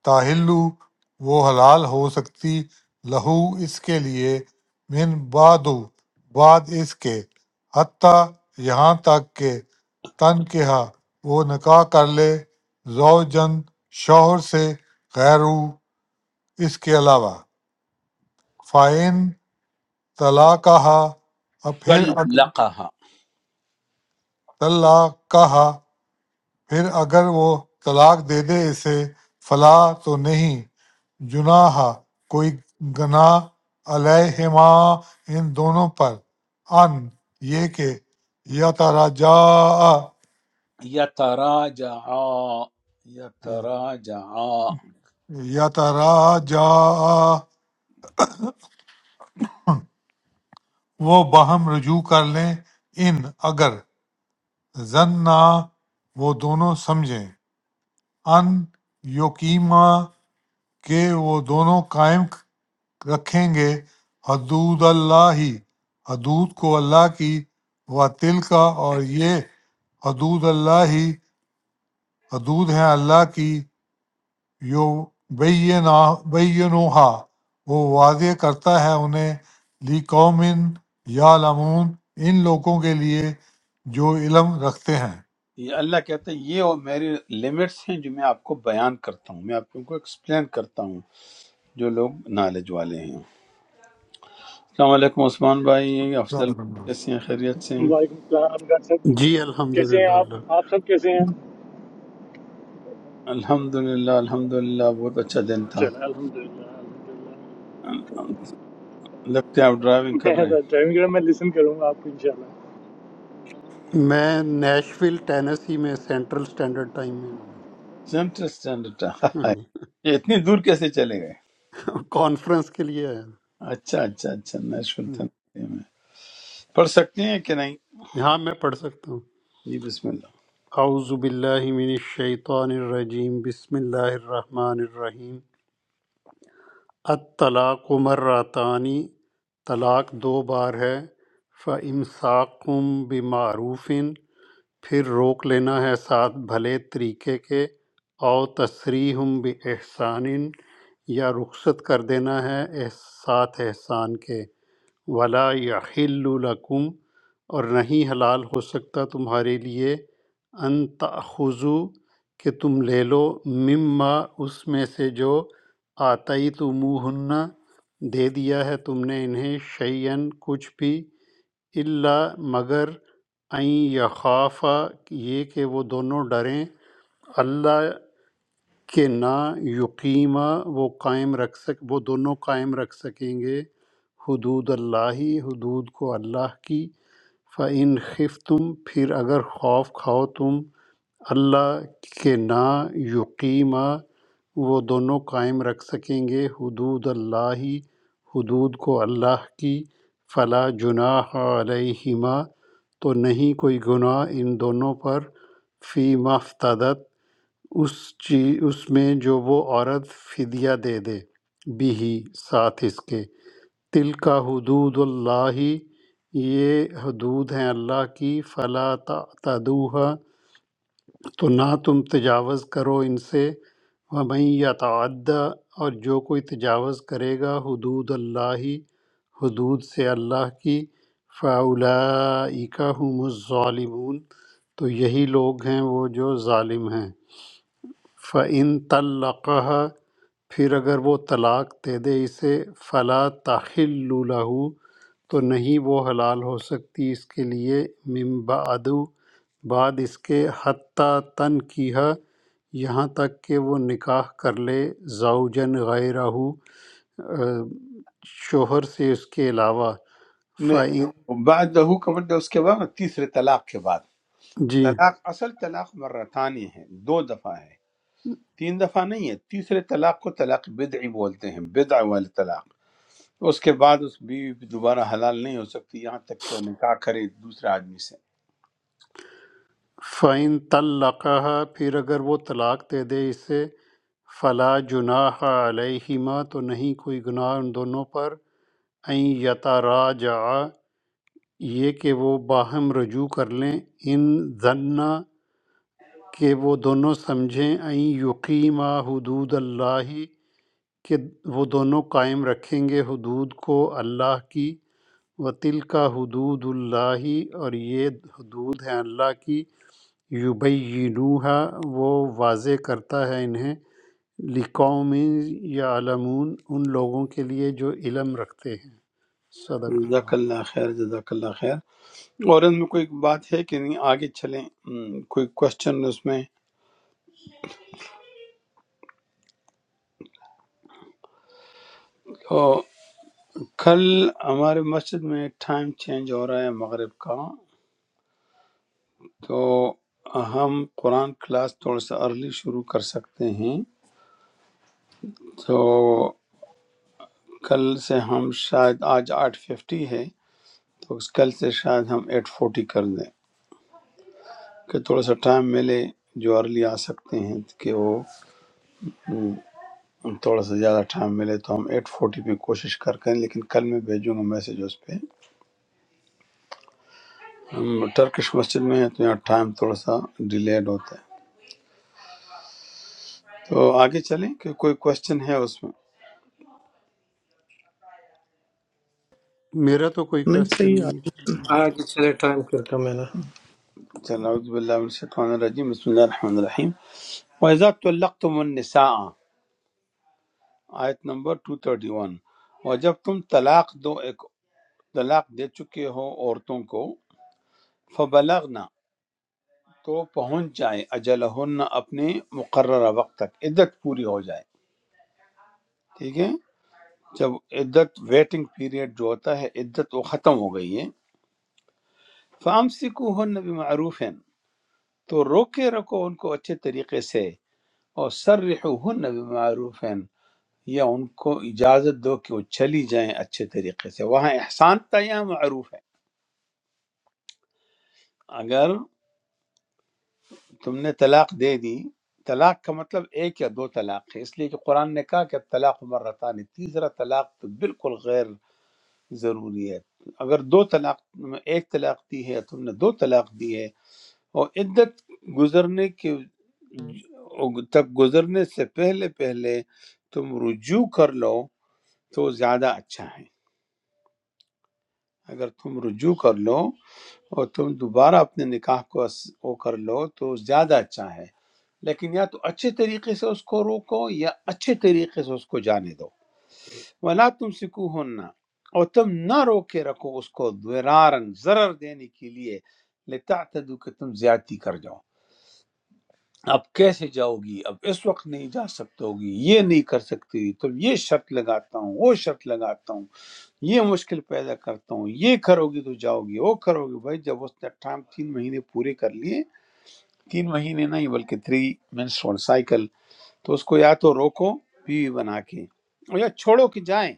تاحلُّ وہ حلال ہو سکتی لہو اس کے لیے من بعدُ بعد اس کے حتیٰ یہاں تک کہ تنکحہ وہ نکاح کر لے زوجن شوہر سے غیرو اس کے علاوہ فَإِن طَلَّقَہَا اور پھر اگر طلاق کہا پھر اگر وہ طلاق دے دے اسے فلا تو نہیں جناح کوئی گناہ علیہما ان دونوں پر ان یہ کہ یا تارا جا
یا تارا جا یا تارا جا
یا تارا جا وہ باہم رجوع کر لیں ان اگر زن نہ وہ دونوں سمجھیں ان یوکیما کہ وہ دونوں قائم رکھیں گے حدود اللہ ہی حدود کو اللہ کی و تل کا اور یہ حدود اللہ ہی حدود ہیں اللہ کی یو بینا بینوہا وہ واضح کرتا ہے انہیں لی قوم یا لمون ان لوگوں کے لیے جو علم رکھتے ہیں
یہ اللہ کہتا ہے یہ وہ میری لمٹس ہیں جو میں آپ کو بیان کرتا ہوں میں آپ کو ایکسپلین کرتا ہوں جو لوگ نالج والے ہیں السلام علیکم عثمان بھائی افضل کیسے ہیں خیریت سے ہیں
Waalaikum Salaam. Greetings,
جی
sir.
الحمدللہ
How
Allah
are you? You all? How are you?
الحمد للہ الحمد للہ بہت اچھا دن تھا
InshaAllah. Alhamdulillah. Alhamdulillah.
لگتا ہے آپ ڈرائیونگ
I
کر رہے
am.
ہیں
Driving. I will listen to you.
میں نیشویل ٹینیسی میں سینٹرل سٹینڈرڈ ٹائم میں ہوں
سینٹرل اسٹینڈرڈ *laughs*
ہاں جی
یہ اتنی دور کیسے چلے گئے
کانفرنس کے لیے آیا ہوں۔
اچھا اچھا اچھا نیشنل
ہاں،
تھنسی میں پڑھ سکتے ہیں کہ نہیں
یہاں میں پڑھ سکتا ہوں
جی بسم اللہ
اعوذ باللہ من الشیطان الرجیم بسم اللہ الرحمن الرحیم الطلاق مراتانی طلاق دو بار ہے فَإِمْسَاقٌ بِمَعْرُوفٍ پھر روک لینا ہے ساتھ بھلے طریقے کے او تصریح باحسان یا رخصت کر دینا ہے احس- ساتھ احسان کے ولا یحل لکم اور نہیں حلال ہو سکتا تمہارے لیے ان تاخذو کہ تم لے لو مما اس میں سے جو آتعی تمہن دے دیا ہے تم نے انہیں شعین کچھ بھی الا مگر ان یخافا یہ کہ وہ دونوں ڈریں اللہ کے نا یقیمہ وہ قائم رکھ سک وہ دونوں قائم رکھ سکیں گے حدود اللہ حدود کو اللہ کی فَإِنْ خِفْتُمْ پھر اگر خوف کھاؤ تم اللہ کے نا یقیمہ وہ دونوں قائم رکھ سکیں گے حدود اللہ حدود کو اللہ کی فلا جناح علیہما تو نہیں کوئی گناہ ان دونوں پر فی مفتدت اس چیز اس میں جو وہ عورت فدیہ دے دے بھی ساتھ اس کے تل کا حدود اللہ یہ حدود ہیں اللہ کی فلا تعتدوها تو نہ تم تجاوز کرو ان سے ومن یتعدی اور جو کوئی تجاوز کرے گا حدود اللہ حدود سے اللہ کی فَأُولَئِكَ هُمُ الظَّالِمُونَ تو یہی لوگ ہیں وہ جو ظالم ہیں فَإِن طَلَّقَهَا پھر اگر وہ طلاق دے دے اسے فلا تحل لہ تو نہیں وہ حلال ہو سکتی اس کے لیے من بعد بعد اس کے حتیٰ تن کیہ یہاں تک کہ وہ نکاح کر لے زوجن غیرہ آ، شوہر سے اس کے علاوہ فعین
نے- بعد لہو کا مطلب اس کے بعد تیسرے طلاق کے بعد
جی
طلاق اصل طلاق مرتانی ہے دو دفعہ ہے تین دفعہ نہیں ہے تیسرے طلاق کو طلاق بدعی بولتے ہیں بدع والے طلاق اس کے بعد اس بیوی بھی دوبارہ حلال نہیں ہو سکتی یہاں تک کہ وہ نکاح کرے دوسرے آدمی سے
فعین طلقہ پھر اگر وہ طلاق دے دے اسے فلا جناح علیہما تو نہیں کوئی گناہ ان دونوں پر ان یتراجع یہ کہ وہ باہم رجوع کر لیں ان ذنا کہ وہ دونوں سمجھیں ان یقیما حدود اللہ کہ وہ دونوں قائم رکھیں گے حدود کو اللہ کی و کا حدود اللہ اور یہ حدود ہیں اللہ کی یبینوہا وہ واضح کرتا ہے انہیں لقوم یا علمون ان لوگوں کے لیے جو علم رکھتے ہیں صدق
جزاک
اللہ
اللہ خیر جزاک اللہ خیر اور ان میں کوئی بات ہے کہ نہیں آگے چلیں ہم، کوئی کوشچن اس میں کل ہمارے مسجد میں ٹائم چینج ہو رہا ہے مغرب کا تو ہم قرآن کلاس تھوڑا سا ارلی شروع کر سکتے ہیں تو کل سے ہم شاید آج آٹھ ففٹی ہے تو اس کل سے شاید ہم ایٹ فورٹی کر دیں کہ تھوڑا سا ٹائم ملے جو ارلی آ سکتے ہیں کہ وہ ہم، تھوڑا سا زیادہ ٹائم ملے تو ہم ایٹ فورٹی پہ کوشش کر کریں لیکن کل میں بھیجوں گا میسج اس پہ ہم ٹرکش مسجد میں ہیں تو یہاں ٹائم تھوڑا سا ڈیلیڈ ہوتا ہے تو آگے چلیں کہ کوئی کوشچن ہے اس میں
میرا تو کوئی
نہیں
کوشچن
صحیح آپ
نہیں ہے
آگے چلے ٹائم پھر کم ہے نا
چلیں اعوذ باللہ من الشیطان الرجیم بسم اللہ الرحمن الرحیم وَإِذَا طَلَّقْتُمُ النِّسَاءَ آیت نمبر 231 اور جب تم طلاق دو ایک طلاق دے چکے ہو عورتوں کو فبلغنا تو پہنچ جائیں اجلہن اپنے مقررہ وقت تک عدت پوری ہو جائے ٹھیک ہے جب عدت ویٹنگ پیریڈ جو ہوتا ہے عدت وہ ختم ہو گئی ہے فَأَمْسِكُوهُنَّ بِمَعْرُوفٍ تو روکے رکھو ان کو اچھے طریقے سے اور سرحوہن بمعروف یا ان کو اجازت دو کہ وہ چلی جائیں اچھے طریقے سے وہاں احسان تھا یہاں معروف ہے اگر تم نے طلاق دے دی طلاق کا مطلب ایک یا دو طلاق ہے اس لیے کہ قرآن نے کہا کہ طلاق مرتان تیسرا طلاق تو بالکل غیر ضروری ہے اگر دو طلاق میں ایک طلاق دی ہے تم نے دو طلاق دی ہے اور عدت گزرنے کے تک گزرنے سے پہلے پہلے تم رجوع کر لو تو زیادہ اچھا ہے اگر تم رجوع کر لو اور تم دوبارہ اپنے نکاح کو اس- وہ کر لو تو زیادہ اچھا ہے لیکن یا تو اچھے طریقے سے اس کو روکو یا اچھے طریقے سے اس کو جانے دو ولا تم سکو اور تم نہ روکے رکھو اس کو درارن ضرر دینے کے لیے لتعتدو کہ تم زیادتی کر جاؤ اب کیسے جاؤ گی اب اس وقت نہیں جا سکتے ہوگی یہ نہیں کر سکتی تم یہ شرط لگاتا ہوں وہ شرط لگاتا ہوں یہ مشکل پیدا کرتا ہوں یہ کرو گی تو جاؤ گی وہ کرو گی بھائی جب اس نے ٹائم تین مہینے پورے کر لیے تین مہینے نہیں بلکہ تھری مینسٹرول سائیکل تو اس کو یا تو روکو بیوی بنا کے اور یا چھوڑو کہ جائیں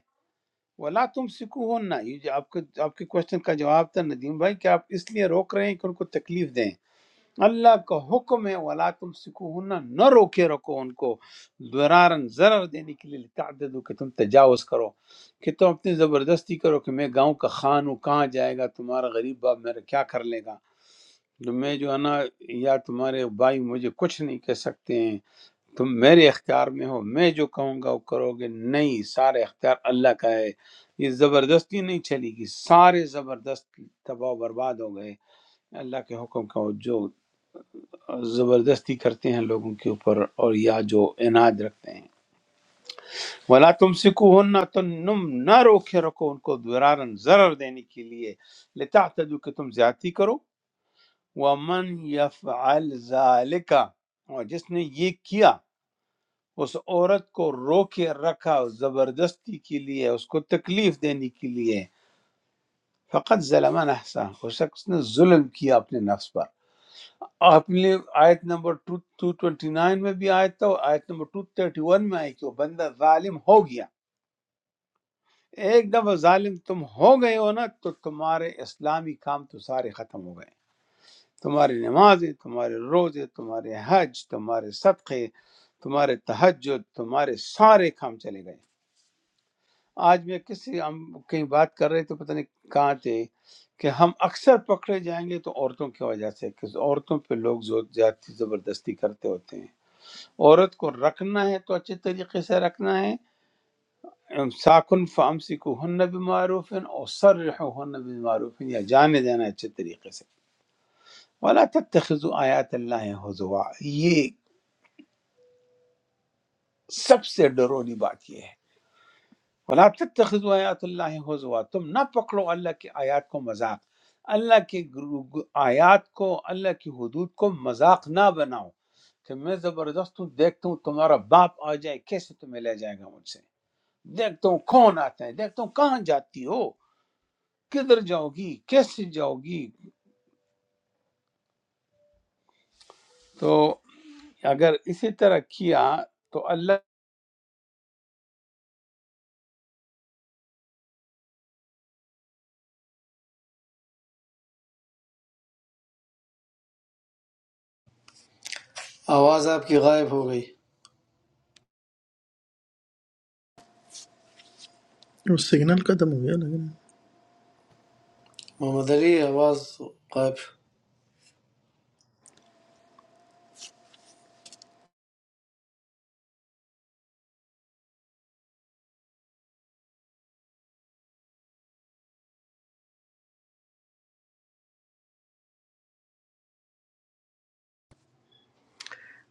ولا تم سکون نہ یہ جو آپ کے آپ کے کوشچن کا جواب تھا ندیم بھائی کہ آپ اس لیے روک رہے ہیں کہ ان کو تکلیف دیں اللہ کا حکم ہے ولا تم سکون نہ روکے رکھو ان کو ضرارن ضرر دینے کے لیے تعدد کہ تم تجاوز کرو کہ تم اپنی زبردستی کرو کہ میں گاؤں کا خان ہوں کہاں جائے گا تمہارا غریب باپ میرا کیا کر لے گا تو میں جو ہے نا یا تمہارے بھائی مجھے کچھ نہیں کہہ سکتے ہیں تم میرے اختیار میں ہو میں جو کہوں گا وہ کرو گے نہیں سارے اختیار اللہ کا ہے یہ زبردستی نہیں چلی گی سارے زبردست تباہ و برباد ہو گئے اللہ کے حکم کا جو زبردستی کرتے ہیں لوگوں کے اوپر اور یا جو اناج رکھتے ہیں ولا تم سکو نہ تم نہ روکے رکھو ان کو درارن ضرر دینے کے لیے لتا کہ تم زیادتی کرو ومن یفعل ذالک اور جس نے یہ کیا اس عورت کو روکے رکھا زبردستی کے لیے اس کو تکلیف دینے کے لیے فقط ظلم نحسا اس شخص نے ظلم کیا اپنے نفس پر آپ نے آیت نمبر 229 میں بھی آیت تھا اور آیت نمبر 231 میں آئی کہ وہ بندہ ظالم ہو گیا ایک دفعہ ظالم تم ہو گئے ہو نا تو تمہارے اسلامی کام تو سارے ختم ہو گئے تمہاری نمازیں تمہارے روزے تمہارے حج تمہارے صدقے تمہارے تہجد تمہارے سارے کام چلے گئے آج میں کسی ہم کہیں بات کر رہے تھے پتہ نہیں کہاں تھے کہ ہم اکثر پکڑے جائیں گے تو عورتوں کی وجہ سے کہ عورتوں پہ لوگ زور- زیادتی زبردستی کرتے ہوتے ہیں عورت کو رکھنا ہے تو اچھے طریقے سے رکھنا ہے ساکن فامسکو ہن بمعروف اور سرح ہن بمعروف یا جانے دینا ہے اچھے طریقے سے ولا تتخذوا آیات اللہ حضوا یہ سب سے ڈرونی بات یہ ہے ولا تتخذوا آیات اللہ حضوا تم نہ پکڑو اللہ کی آیات کو مذاق اللہ کی گرو- آیات کو اللہ کی حدود کو مذاق نہ بناؤ کہ میں زبردست ہوں دیکھتا ہوں تمہارا باپ آ جائے کیسے تمہیں لے جائے گا مجھ سے دیکھتا ہوں کون آتا ہے دیکھتا ہوں کہاں جاتی ہو کدھر جاؤ گی کیسے جاؤ گی تو اگر اسی طرح کیا تو اللہ
آواز آپ کی غائب ہو گئی
وہ سگنل قدم ہو گیا لیکن
محمد علی آواز غائب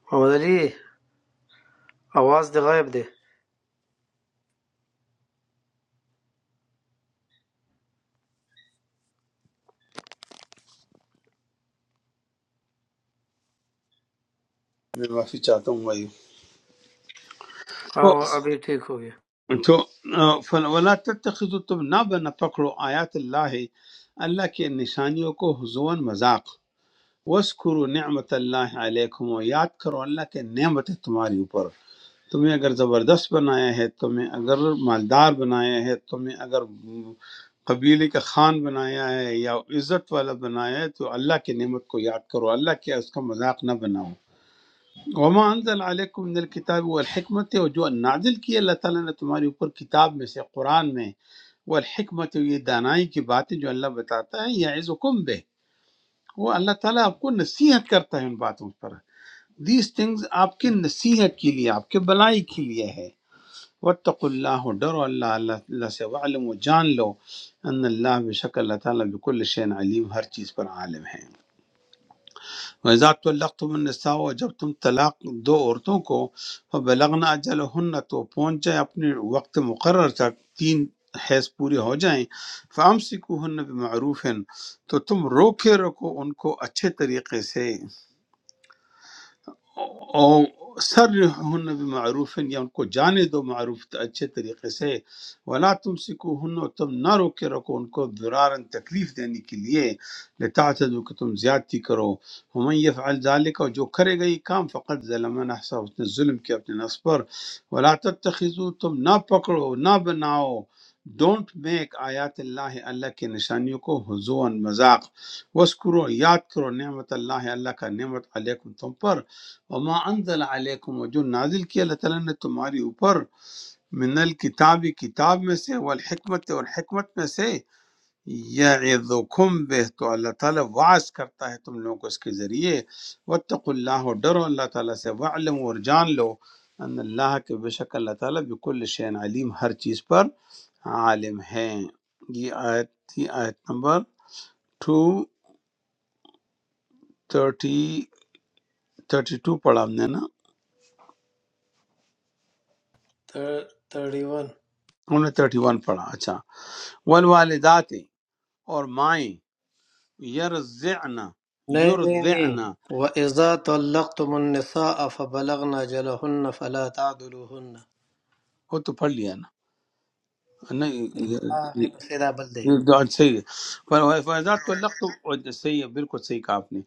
محمد علی آواز دے غائب دے
میں معافی چاہتا ہوں بھائی تو
ہاں وہ ابھی ٹھیک ہو گیا
تو آ، فل- ولا تتخذوا تم نہ بنا پکڑو آیات اللہ اللہ کے نشانیوں کو حضون مذاق وسکرو نعمت اللہ علیکم و یاد کرو اللہ کے نعمت تمہاری اوپر تمہیں اگر زبردست بنایا ہے تمہیں اگر مالدار بنایا ہے تمہیں اگر قبیلے کا خان بنایا ہے یا عزت والا بنایا ہے تو اللہ کی نعمت کو یاد کرو اللہ کے اس کا مذاق نہ بناؤ وما انزل علیکم من الکتاب والحکمت اور جو نازل کی اللہ تعالیٰ نے تمہارے اوپر کتاب میں سے قرآن میں والحکمت یہ دانائی کی باتیں جو اللہ بتاتا ہے یا عزکم بے وہ اللہ تعالیٰ آپ کو نصیحت کرتا ہے ان باتوں پر دیز تھنگز آپ کی نصیحت کے لیے آپ کے بلائی کے لیے ہے وطق اللہ ڈرو اللہ اللہ اللہ سے وعلم و جان لو ان اللہ بے شک اللہ تعالیٰ بكل شین علیم ہر چیز پر عالم ہے وَإِذَا طَلَّقْتُمُ النِّسَاءَ اور جب تم طلاق دو عورتوں کو فَبَلَغْنَ أَجَلَهُنَّ تو پہنچ جائیں اپنے وقت مقرر تک تین حیض پورے ہو جائیں فَأَمْسِكُوهُنَّ بِمَعْرُوفٍ تو تم روکے رکھو ان کو اچھے طریقے سے اور سر ہن معروف یا ان کو جانے دو معروف اچھے طریقے سے ولا تم سکو ہن اور تم نہ روکے رکھو ان کو درارن تکلیف دینے کے لیے لتا کہ تم زیادتی کرو ہمیں یفعل ذالک اور جو کرے گا یہ کام فقط ظلم نفسہ اس نے ظلم کیا اپنے نفس پر ولا تتخذو تم نہ پکڑو نہ بناؤ ڈونٹ میک آیات اللہ اللہ کی نشانیوں کو حضون مذاق وسکرو یاد کرو نعمت اللہ اللہ کا نعمت علیکم تم پر وما انزل علیکم و جو نازل کیا اللہ تعالیٰ نے تمہاری اوپر من الکتاب کتاب میں سے والحکمت اور حکمت میں سے یعظکم بہ تو اللہ تعالیٰ واعظ کرتا ہے تم لوگوں کو اس کے ذریعے واتقوا اللہ اور ڈرو اللہ تعالیٰ سے وعلم اور جان لو ان اللہ کے بے شک اللہ تعالیٰ بکل شین علیم ہر چیز پر عالم ہیں یہ آیت تھی آیت number two thirty thirty two پڑھا ہم نے نا
تھرٹی ون
ہم نے تھرٹی ون پڑھا اچھا والوالدات اور مائیں یرزعن
نہیں نہیں نہیں
یرزعن
وَإِذَا طَلَّقْتُمُ النِّسَاءَ فَبَلَغْنَ أَجَلَهُنَّ فَلَا تَعْضُلُوهُنَّ
وہ تو پڑھ لیا نا نہیں یہ-
بڑا ہے،
یہ-
بس سیدھا بل دے
یہ تو صحیح ہے پر فیضا طلقتم صحیح ہے بالکل صحیح کہا آپ نے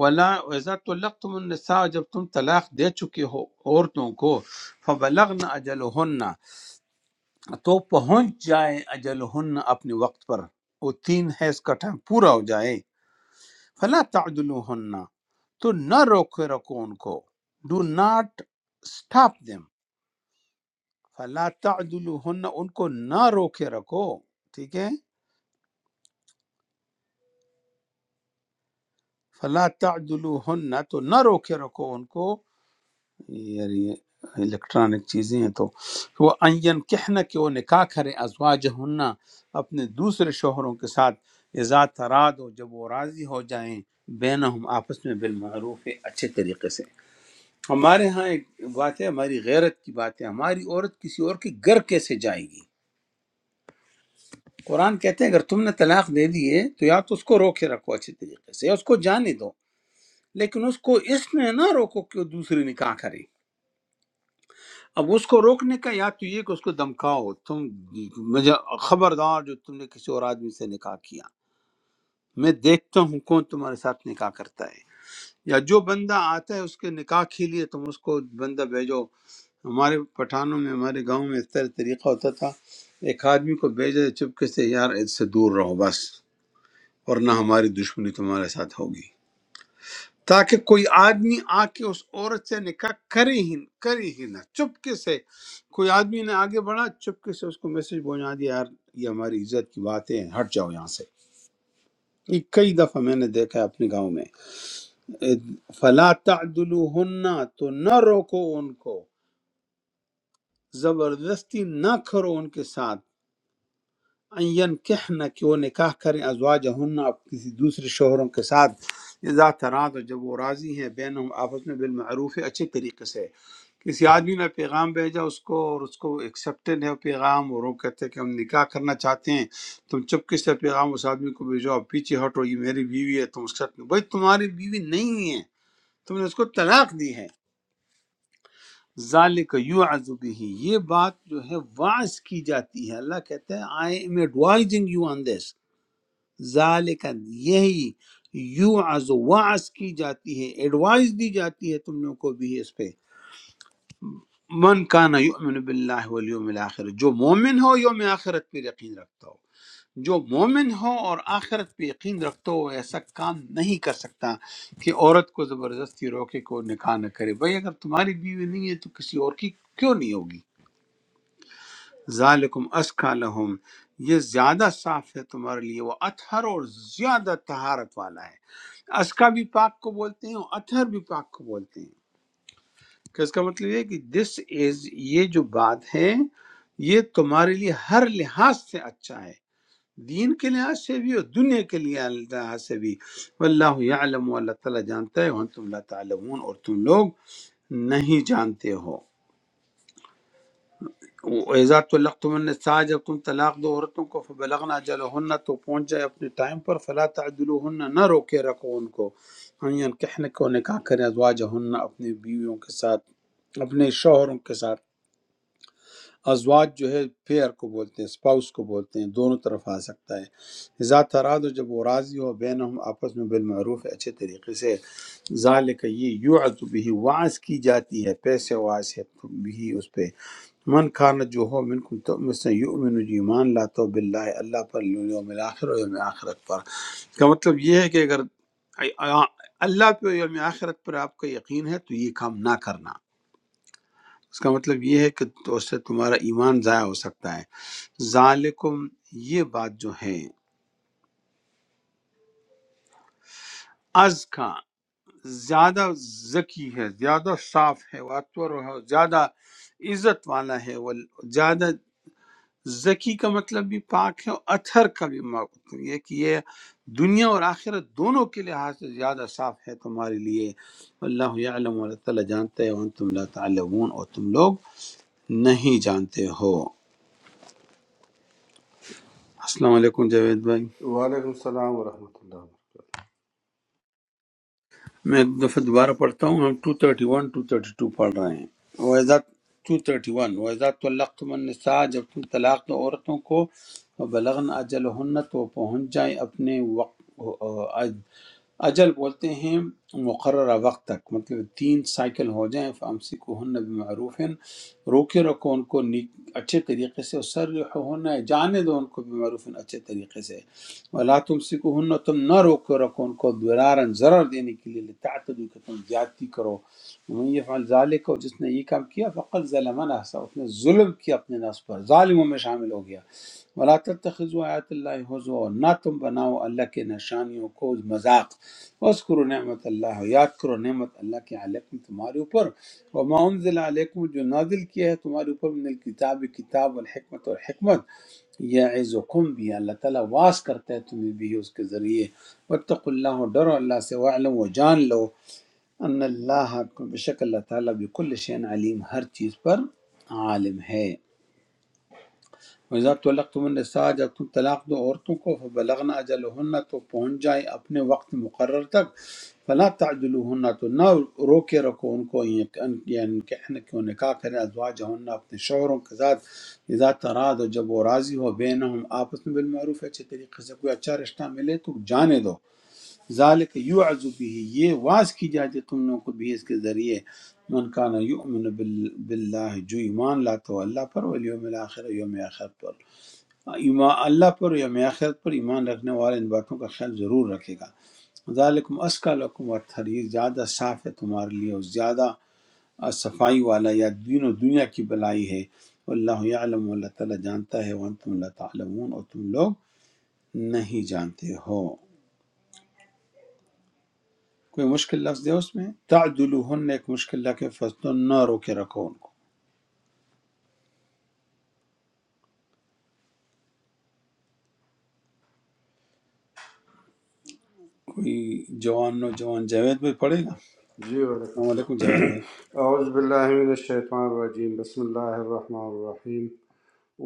ولا ویزا طلقتم النساء جب تم طلاق دے چکے ہو عورتوں کو فبلغن اجلہن تو پہنچ جائے اجلہن اپنے وقت پر وہ تین حیض کا ٹائم پورا ہو جائے فلا تعدلوہن تو نہ روکے رکھو ان کو ڈو ناٹ سٹاپ دیم فلا تعدلوہن ان کو نہ روکے رکھو ٹھیک ہے فلا تعدلوہن تو نہ روکے رکھو ان کو یار یہ الیکٹرانک چیزیں ہیں تو وہ این کہنا کہ وہ نکاح کریں ازواج اپنے دوسرے شوہروں کے ساتھ ازا تراد ہو جب وہ راضی ہو جائیں بینہم آپس میں بالمعروف اچھے طریقے سے ہمارے ہاں ایک بات ہے ہماری غیرت کی بات ہے ہماری عورت کسی اور کے گھر کیسے جائے گی قرآن کہتے ہیں اگر تم نے طلاق دے دی ہے تو یا تو اس کو روکے رکھو اچھے طریقے سے یا اس کو جانے دو لیکن اس کو اس میں نہ روکو کہ وہ دوسری نکاح کرے اب اس کو روکنے کا یا تو یہ کہ اس کو دمکاؤ تم مجھے خبردار جو تم نے کسی اور آدمی سے نکاح کیا میں دیکھتا ہوں کون تمہارے ساتھ نکاح کرتا ہے یا جو بندہ آتا ہے اس کے نکاح کے لیے تم اس کو بندہ بھیجو ہمارے پٹھانوں میں ہمارے گاؤں میں اس طرح طریقہ ہوتا تھا ایک آدمی کو بھیجے چپکے سے یار اس سے دور رہو بس ورنہ ہماری دشمنی تمہارے ساتھ ہوگی تاکہ کوئی آدمی آ کے اس عورت سے نکاح کرے ہی کرے ہی نہ چپکے سے کوئی آدمی نے آگے بڑھا چپکے سے اس کو میسج پہنچا دیا یار یہ ہماری عزت کی بات ہے ہٹ جاؤ یہاں سے یہ کئی دفعہ میں نے دیکھا ہے اپنے گاؤں میں فلا تعدلوہن تو نہ روکو ان کو زبردستی نہ کرو ان کے ساتھ این کہنا کہ وہ نکاح کریں ازواج ہن آپ کسی دوسرے شوہروں کے ساتھ اذا تراد جب وہ راضی ہیں بین آپس میں بالمعروف ہے اچھے طریقے سے کسی آدمی نے پیغام بھیجا اس کو اور اس کو ایکسیپٹڈ ہے وہ پیغام اور وہ کہتے ہیں کہ ہم نکاح کرنا چاہتے ہیں تم چپکے سے پیغام اس آدمی کو بھیجو آپ پیچھے ہٹو یہ میری بیوی ہے تم اس کے ساتھ بھائی تمہاری بیوی نہیں ہے تم نے اس کو طلاق دی ہے ذالک یوعظ به یہ بات جو ہے واعظ کی جاتی ہے اللہ کہتا ہے I am advising you on this ذالک یہی یوعظ واعظ کی جاتی ہے ایڈوائز دی جاتی ہے تم لوگوں کو بھی اس پہ من کانا یؤمن باللہ والیوم الاخر جو مومن ہو یوم آخرت پہ یقین رکھتا ہو جو مومن ہو اور آخرت پہ یقین رکھتا ہو وہ ایسا کام نہیں کر سکتا کہ عورت کو زبردستی روکے کو نکاح نہ کرے بھائی اگر تمہاری بیوی نہیں ہے تو کسی اور کی کیوں نہیں ہوگی ذالکم اسکا لہم یہ زیادہ صاف ہے تمہارے لیے وہ اتھر اور زیادہ طہارت والا ہے اسکا بھی پاک کو بولتے ہیں اور اتھر بھی پاک کو بولتے ہیں کہ اس کا مطلب یہ ہے کہ دس از یہ جو بات ہے یہ تمہارے لیے ہر لحاظ سے اچھا ہے دین کے لحاظ سے بھی اور دنیا کے لیے لحاظ سے بھی واللہ یعلم و اللہ تعالیٰ جانتا ہے وانتم لا تعلمون اور تم لوگ نہیں جانتے ہو ایزا طلقتم النساء جب تم طلاق دو عورتوں کو فبلغنا اجلهن تو پہنچ جائے اپنے ٹائم پر فلا تعدلوهن نہ روکے رکھو ان کو ان کہنے کو نکاح کرے ازواجهن اپنے بیویوں کے ساتھ اپنے شوہروں کے ساتھ ازواج جو ہے پیئر کو بولتے ہیں اسپاؤس کو بولتے ہیں دونوں طرف آ سکتا ہے ذات تراد و جب وہ راضی ہو بین ہم آپس میں بالمعروف ہے اچھے طریقے سے ذالک یہ یعت بھی وعظ کی جاتی ہے پیسے وعظ ہے بھی اس پہ من کھانا جو ہو منکم تو مثلا یؤمن جو ایمان لاتا ہو باللہ اللہ پر یوم آخر و یوم آخرت پر اس کا مطلب یہ ہے کہ اگر اللہ پہ اور یوم آخرت پر آپ کا یقین ہے تو یہ کام نہ کرنا اس کا مطلب یہ ہے کہ تو اس سے تمہارا ایمان ضائع ہو سکتا ہے ذالکم یہ بات جو ہے از کا زیادہ ذکی ہے زیادہ صاف ہے واتور ہے زیادہ عزت والا ہے وہ زیادہ ذکی کا مطلب بھی پاک ہے اور اتھر کا بھی مطلب یہ کہ یہ دنیا اور آخرت دونوں کے لحاظ سے زیادہ صاف ہے تمہارے لیے اللہ علم اللہ تعالیٰ جانتے ہیں تم لا تعلمون اور تم لوگ نہیں جانتے ہو السلام علیکم جاوید بھائی
وعلیکم السلام ورحمۃ اللہ وبرکاتہ
میں ایک دفعہ دوبارہ پڑھتا ہوں ہم 231 232 پڑھ رہے ہیں وَإِذَا 231 وَإِذَا طَلَّقْتُمُ النِّسَاءَ جب تم طلاق دو عورتوں کو بلغن اجلہن تو وہ پہنچ جائیں اپنے وقت اجل بولتے ہیں مقررہ وقت تک مطلب تین سائیکل ہو جائیں فامسی کو ہن بمعروف روکے رکھو ان کو نیک اچھے طریقے سے سر ہونا ہے جانے دو ان کو بمعروف اچھے طریقے سے ولا تم سکو ہن تم نہ روکے رکھو ان کو درارن ضرر دینے کے لیے لتعتدوا کہ تم زیادتی کرو ومن یفعل ذلك اور جس نے یہ کام کیا فقد ظلم نفسه اس نے ظلم کیا اپنے نفس پر ظالموں میں شامل ہو گیا ولا تتخذوا آیات اللہ حضو نہ تم بناؤ اللہ کے نشانیوں کو مذاق اذکروا نعمت اللہ یاد کرو نعمت اللہ کے علیکم تمہارے اوپر وما انزل علیکم جو نازل کیا ہے تمہارے اوپر من الکتاب کتاب والحکمت اور حکمت یعظکم بھی اللہ تعالیٰ واس کرتا ہے تمہیں بھی اس کے ذریعے واتقوا اللہ اور ڈرو اللہ سے وعلم و جان لو ان اللہ بشک اللہ تعالیٰ بكل شین علیم ہر چیز پر عالم ہے وَإِذَا طَلَّقْتُمُ النِّسَاءَ جب تم طلاق دو عورتوں کو فبلغنا اجلہن تو پہنچ جائیں اپنے وقت مقرر تک فلا تعجلوہن تو نہ رو کے رکھو ان کو یہ- ان یعنی کہ ان کو نکاح کریں ازواجہن اپنے شوہروں کے ساتھ اذا تراد اور جب وہ راضی ہو بینہم آپس میں بالمعروف اچھے طریقے سے کوئی اچھا رشتہ ملے تو جانے دو ذالک یعظ به یہ واز کی جاتی تم لوگوں کو بھی اس کے ذریعے من کان یؤمن بال- باللہ جو ایمان لاتا ہو اللہ پر والیوم الاخر یوم آخر پر ایمان اللہ پر یا میں آخرت پر ایمان رکھنے والے ان باتوں کا خیال ضرور رکھے گا ذالکم اسکا لکم اطہر یہ زیادہ صاف ہے تمہارے لیے اور زیادہ آ، صفائی والا یا دین و دنیا کی بلائی ہے اللہ یعلم اللہ تعالیٰ جانتا ہے وانتم لا تعلمون اور تم لوگ نہیں جانتے ہو کوئی مشکل لفظ ہے اس میں تعدلوہن ایک مشکل لفظ ہے فصلوں نہ رو کے رکھو ان کو کوئی جوان نوجوان جاوید بھائی پڑھے گا
جی وعلیکم
السلام علیکم جاوید بھائی
السلام *clears throat* اعوذ باللہ من الشیطان الرجیم بسم اللہ الرحمن الرحیم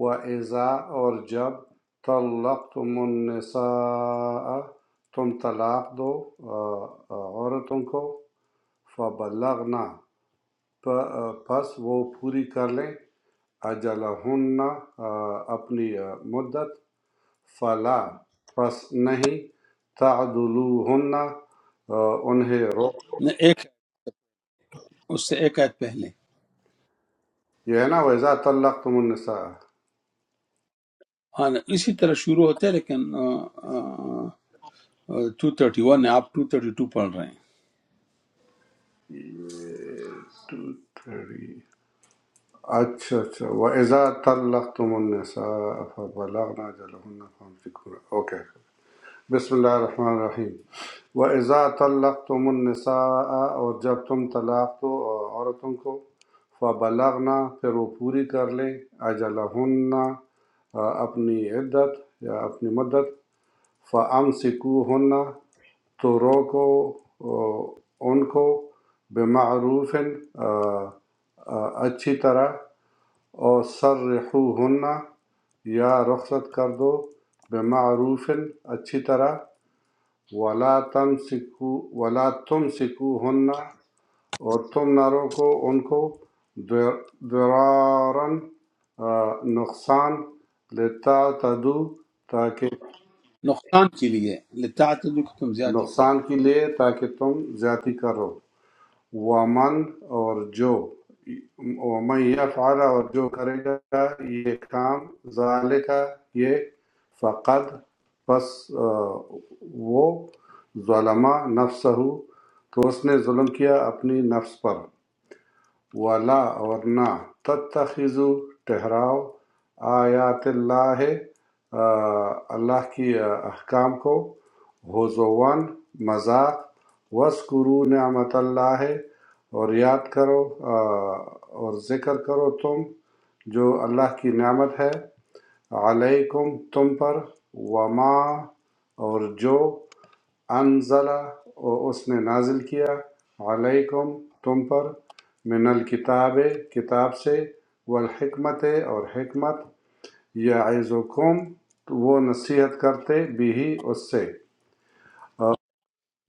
و ایزا اور جب طلقتم النساء تم طلاق دو آ، آ، عورتوں کو فبلغنا پ- آ، پس وہ پوری کر لیں اجلہن آ، اپنی آ، مدت فلا پس نہیں تعدلوہن آ، انہیں روک
نہ ایک اس سے ایک آیت پہلے
یہ ہے نا وَإِذَا طَلَّقْتُمُ النِّسَاءَ
ہاں اسی طرح شروع ہوتے ہیں لیکن ٹو تھرٹی ون ہے آپ ٹو تھرٹی ٹو پڑھ رہے ہیں
230 اچھا اچھا وَإِذَا طَلَّقْتُمُ النِّسَاءَ فَبَلَغْنَ أَجَلَهُنَّ فَأَمْسِكُوهُنَّ اوکے بسم اللہ الرحمن الرحیم وَإِذَا طَلَّقْتُمُ النِّسَاءَ اور جب تم طلاق دو آ، عورتوں کو فَبَلَغْنَ پھر وہ پوری کر لیں أَجَلَهُنَّ آ، اپنی عدت یا اپنی مدت فَأَمْسِكُوهُنَّ تو روکو ان کو بمعروف اچھی طرح اور سرحوہن یا رخصت کر دو بمعروف اچھی طرح ولا تم سکو ولا تم سکو ہن اور تم نہ روکو ان کو در- درارن آ، نقصان لیتا تدو تاکہ
نقصان کے لیے لتعتدوا کہ تم زیادتی کر لو
نقصان کے لیے تاکہ تم زیادتی کرو وَمَن اور جو وَمَن يَفْعَلَ اور جو کرے گا یہ کام ذَلِكَ یہ فقط پس آ، وہ ظلمہ نفسہ تو اس نے ظلم کیا اپنی نفس پر وَلَا اور نہ تَتَّخِذُوا ٹھہراؤ آیات اللہ اللہ کی احکام کو حضوان مذاق وَاذْكُرُوا نعمت اللہ اور یاد کرو آ، اور ذکر کرو تم جو اللہ کی نعمت ہے علیکم تم پر وما اور جو انزلہ اس نے نازل کیا علیکم تم پر من الکتاب کتاب سے والحکمت اور حکمت یعظکم وہ نصیحت کرتے بھی اس سے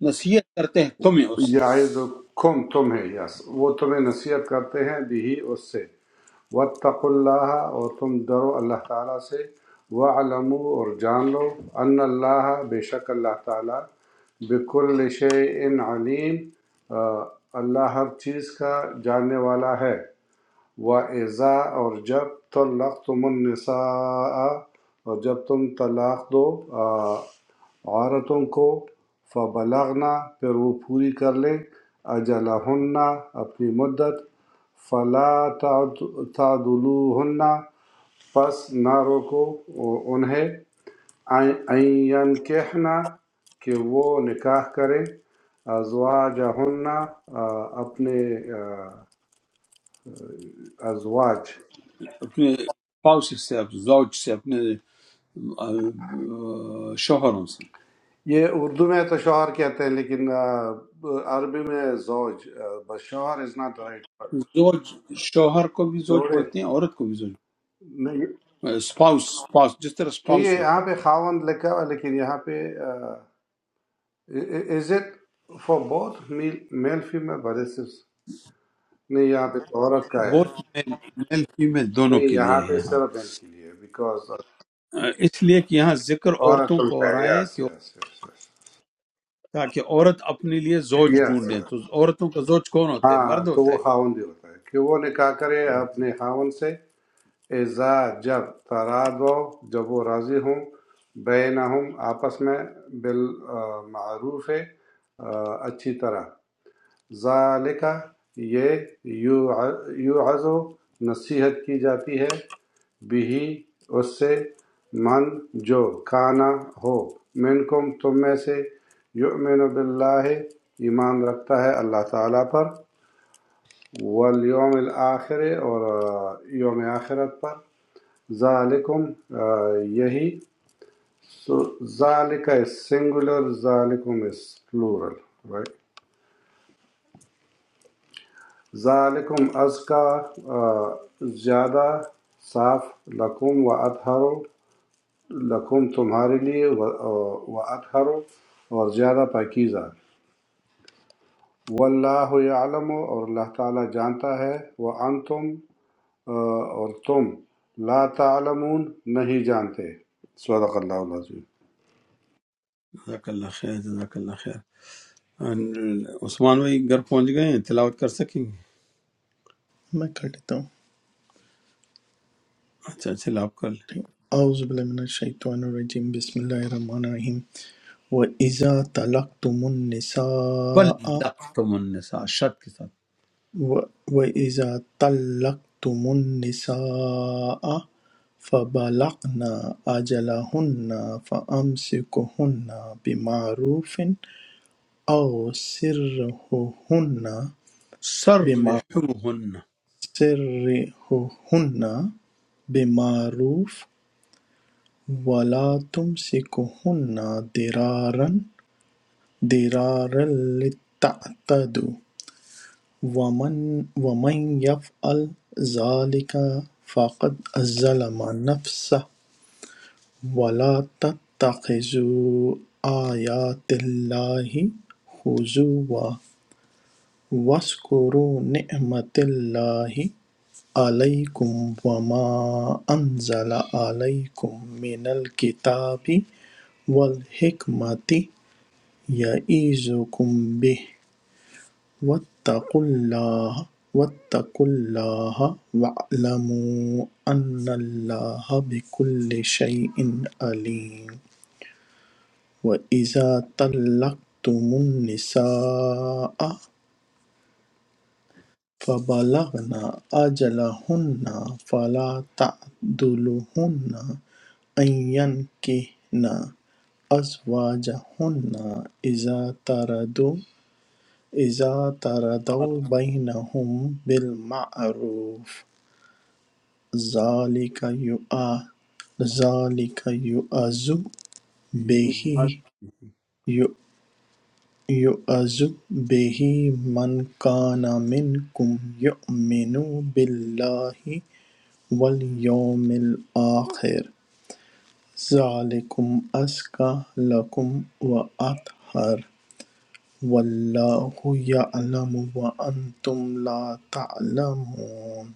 نصیحت کرتے ہیں تمہیں اس سے
یعظکم تمہیں یس وہ تمہیں نصیحت کرتے ہیں بھی اس سے وطق اللہ اور تم ڈرو اللہ تعالیٰ سے وعلمو اور جان لو ان اللہ بے شک اللہ تعالیٰ بکل شعین علیم آ، اللہ ہر چیز کا جاننے والا ہے وَإِذَا اور جب طَلَّقْتُمُ النِّسَاءَ اور جب تم طلاق دو آ، عورتوں کو فبلغنا پھر وہ پوری کر لیں اجلہن اپنی مدت فلا تعدلوہن پس نہ روکو انہیں این کہنا کہ وہ نکاح کریں ازواجہن آ، اپنے آ، ازواج
اپنے spouse سے اپنے زوج سے اپنے آ، شوہروں سے
یہ اردو میں تو شوہر کہتے ہیں لیکن آ، عربی میں زوج بس شوہر از ناٹ رائٹ ورڈ،
زوج شوہر کو بھی زوج
جوڑے
بولتے ہیں عورت کو بھی زوج
نہیں
اسپاؤس اسپاؤس جس طرح
کہ یہ
اسپاؤس
یہاں
ہوتا
پہ
ہے
خاوند لکھا ہوا ہے، لیکن یہاں پہ is it for both male female verses نہیں یہاں پہ تو عورت کا ہے
بہت میل فیمیل دونوں
نہیں
کے لیے
یہاں
ہے
پہ
ہاں
صرف میل کے لیے بیکاز
اس لیے کہ یہاں ذکر
عورت
عورتوں کو
کا
ہو
ہے
رہا ہے
یس
کہ
یس یس
تاکہ عورت اپنے لیے زوج
یس
ڈھونڈیں تو عورتوں کا زوج کون ہوتا ہے
ہاں
مرد
تو
ہوتا
وہ
ہے
خاوند ہی ہوتا ہے کہ وہ نکاح کرے اپنے خاوند سے اِذَا جب تَرَادَوْا جب وہ راضی ہوں بَیْنَہُم آپس میں بِالْمَعْرُوفِ اچھی طرح ذَلِکَ یہ یُوعظ نصیحت کی جاتی ہے بِہِ اس سے من جو کانا ہو منکم تم میں سے یؤمن باللہ ایمان رکھتا ہے اللہ تعالیٰ پر والیوم الآخر اور آ، یوم آخرت پر ذَلِكُمْ یہی so ذَلِكَ is singular ذَلِكُمْ is plural right ذَلِكُمْ ازکا زیادہ صاف لکم و اطہر لکم تمہارے لیے و اطہر اور زیادہ پاکیزہ واللہ یعلم اور اللہ تعالیٰ جانتا ہے وہ انتم اور تم لا تعلمون نہیں جانتے صدق اللہ العظیم
جزاک اللہ خیر جزاک اللہ خیر ان- عثمان بھائی گھر پہنچ گئے ہیں تلاوت کر سکیں گے
میں کر لیتا ہوں
اچھا چلو آپ کر لیں
اعوذ باللہ من الشیطان الرجیم بسم اللہ الرحمن الرحیم وَإِذَا طَلَقْتُمُ النِّسَاءَ
بلغتم النساء شد کے ساتھ
و- وَإِذَا طَلَّقْتُمُ النِّسَاءَ فَبَلَغْنَ أَجَلَهُنَّ فَأَمْسِكُهُنَّ بِمَعْرُوفٍ أَوْ سِرِّهُنَّ بِمَعْرُوفٍ
سرحوہن
سرهن بمعروف وَلَا تُمْسِكْهُنَّ ضِرَارًا ضِرَارًا لِتَعْتَدُوا وَمَنْ وَمَنْ يَفْعَلْ ذَلِكَ فَقَدْ ظَلَمَ نَفْسَهُ وَلَا تَتَّخِذُوا آيَاتِ اللَّهِ هُزُوًا وَاذْكُرُوا نِعْمَةَ اللَّهِ عَلَيْكُمْ وَمَا أَنْزَلَ عَلَيْكُمْ مِنَ الْكِتَابِ وَالْحِكْمَةِ يَعِظُكُمْ بِهِ وَاتَّقُوا اللَّهَ وَاتَّقُوا اللَّهَ وَاعْلَمُوا أَنَّ اللَّهَ بِكُلِّ شَيْءٍ عَلِيمٌ وَإِذَا طَلَّقْتُمُ النِّسَاءَ فَبَلَغْنَ أَجَلَهُنَّ فَلَا تَعْضُلُوهُنَّ أَنْ يَنكِحْنَ أَزْوَاجَهُنَّ إِذَا تَرَدُوا إِذَا تَرَدَوْا بَيْنَهُم بِالْمَعْرُوفِ ذَلِكَ يُؤَ- ذَلِكَ يُؤَذُ
یوں
بِهِ
آج-
يُ- يُؤَذُ بِهِ مَنْ كَانَ مِنْكُمْ يُؤْمِنُ بِاللَّهِ وَالْيَوْمِ الْآخِرِ ذَلِكُمْ أَزْكَى لَكُمْ وَأَطْهَرُ وَاللَّهُ يَعْلَمُ وَأَنْتُمْ لَا تَعْلَمُونَ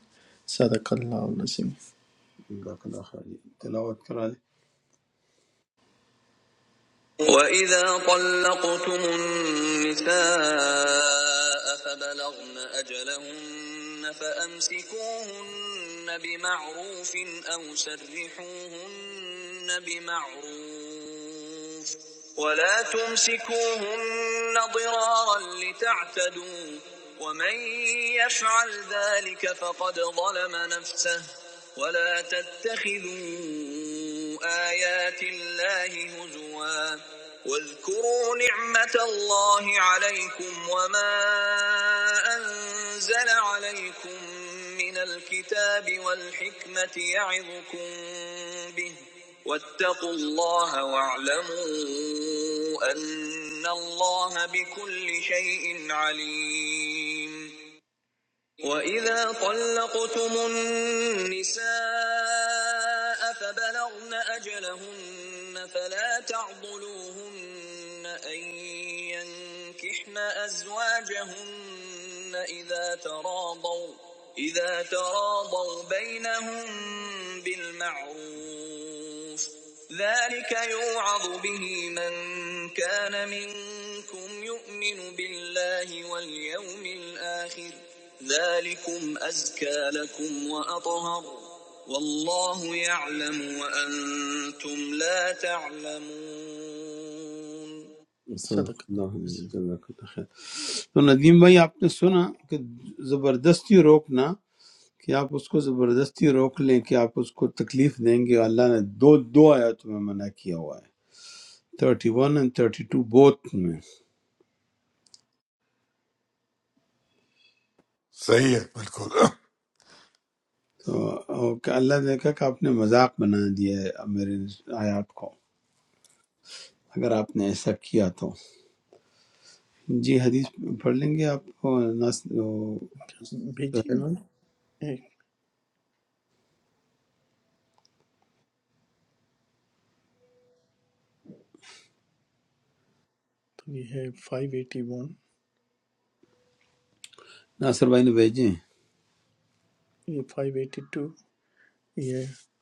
صدق اللہ العظیم
جزاک اللہ خیر جی، تلاوت کرا لیں
وإذا طلقتم النساء فبلغن أجلهن فأمسكوهن بمعروف أو سرحوهن بمعروف ولا تمسكوهن ضرارا لتعتدوا ومن يفعل ذلك فقد ظلم نفسه ولا تتخذوا آيات الله هزوا واذكروا نعمة الله عليكم وما أنزل عليكم من الكتاب والحكمة يعظكم به واتقوا الله واعلموا أن الله بكل شيء عليم وإذا طلقتم النساء فبلغن أجلهن فلا تعضلوهن أن ينكحن أزواجهن إذا تراضوا إذا تراضوا بينهم بالمعروف ذلك يوعظ به من كان منكم يؤمن بالله واليوم الآخر ذلكم أزكى لكم وأطهر والله يعلم وأنتم لا تعلمون
صدق
صدق
اللہ علیہ وسلم، جزاک اللہ خیر تو ندیم بھائی آپ نے سنا کہ زبردستی روکنا کہ آپ اس کو زبردستی روک لیں کہ آپ اس کو تکلیف دیں گے اللہ نے دو دو آیاتوں میں منع کیا ہوا ہے thirty one and thirty two both میں
صحیح ہے بالکل
تو اور کہ اللہ نے کہا کہ آپ نے مذاق بنا دیا ہے میرے اس آیات کو اگر آپ نے ایسا کیا تو جی حدیث پڑھ لیں گے آپ کو ناس- وہ،
भेजिए
سہیل
ना
بھائی؟
एक तो ये है 581
ناصر بھائی نے بھیجے
ये 582 ये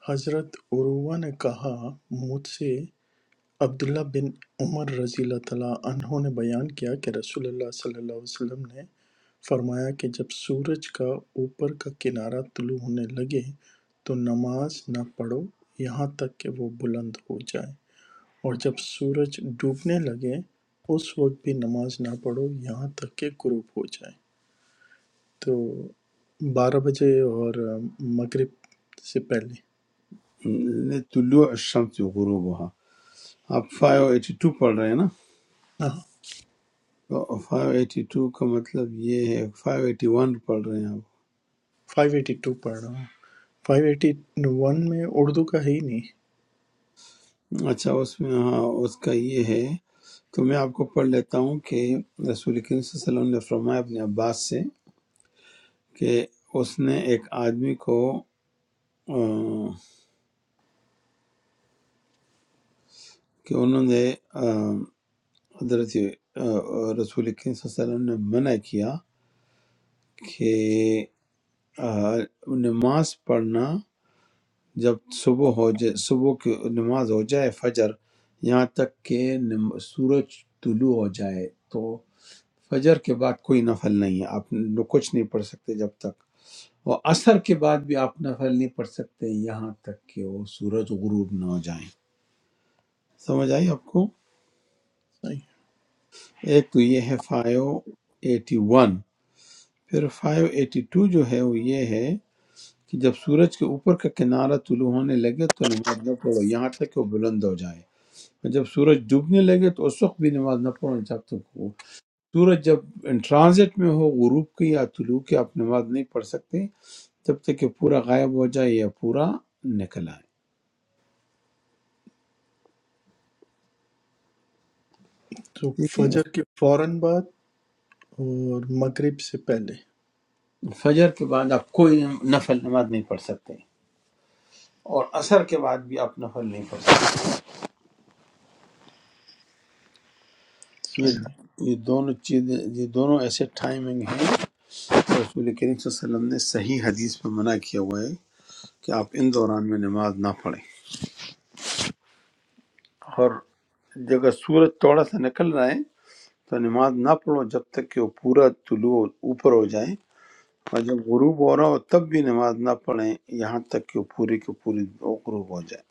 हजरत उरुवा ने कहा मुझसे عبداللہ بن عمر رضی اللہ تعالی عنہ نے بیان کیا کہ رسول اللہ صلی اللہ علیہ وسلم نے فرمایا کہ جب سورج کا اوپر کا کنارہ طلوع ہونے لگے تو نماز نہ پڑھو یہاں تک کہ وہ بلند ہو جائے اور جب سورج ڈوبنے لگے اس وقت بھی نماز نہ پڑھو یہاں تک کہ غروب ہو جائے تو بارہ بجے اور مغرب سے پہلے
ہیں۔ طلوع الشمس غروبها آپ 582 پڑھ رہے ہیں نا
ہاں
تو 582 کا مطلب یہ ہے 581 پڑھ رہے ہیں
فائیو ایٹی ٹو پڑھ رہا ہوں فائیو ایٹی ون میں اردو کا ہے ہی نہیں
اچھا اس میں ہاں اس کا یہ ہے تو میں آپ کو پڑھ لیتا ہوں کہ رسول کریم صلی اللہ علیہ وسلم نے فرمایا اپنے عباس سے کہ اس نے ایک آدمی کو آ، کہ انہوں نے آ، حضرت آ، رسول کریم صلی اللہ علیہ وسلم نے منع کیا کہ آ، نماز پڑھنا جب صبح ہو جائے صبح کی نماز ہو جائے فجر یہاں تک کہ نم- سورج طلوع ہو جائے تو فجر کے بعد کوئی نفل نہیں ہے آپ ن- کچھ نہیں پڑھ سکتے جب تک اور عصر کے بعد بھی آپ نفل نہیں پڑھ سکتے یہاں تک کہ وہ سورج غروب نہ ہو جائیں سمجھ آئی آپ کو
صحیح
ایک تو یہ ہے فائیو ایٹی ون پھر فائیو ایٹی ٹو جو ہے وہ یہ ہے کہ جب سورج کے اوپر کا کنارہ طلوع ہونے لگے تو نماز نہ پڑھو یہاں تک کہ وہ بلند ہو جائے اور جب سورج ڈوبنے لگے تو اس وقت بھی نماز نہ پڑھو جب تک وہ سورج جب ٹرانزٹ میں ہو غروب کی یا طلوع کی آپ نماز نہیں پڑھ سکتے جب تک کہ پورا غائب ہو جائے یا پورا نکل آئے
تو
ٹھیک
فجر
ہے
کے فوراً بعد اور مغرب سے پہلے
فجر کے بعد آپ کوئی نفل نماز نہیں پڑھ سکتے اور عصر کے بعد بھی آپ نفل نہیں پڑھ سکتے یہ
صحیح ہے
یہ دونوں چیزیں یہ دونوں ایسے ٹائمنگ ہیں رسول کریم صلی اللہ علیہ وسلم نے صحیح حدیث میں منع کیا ہوا ہے کہ آپ ان دوران میں نماز نہ پڑھیں اور اگر سورج تھوڑا سا نکل رہا ہے تو نماز نہ پڑھو جب تک کہ وہ پورا طلوع اوپر ہو جائے اور جب غروب ہو رہا ہو تب بھی نماز نہ پڑھیں یہاں تک کہ وہ پوری کی پوری وہ غروب ہو جائے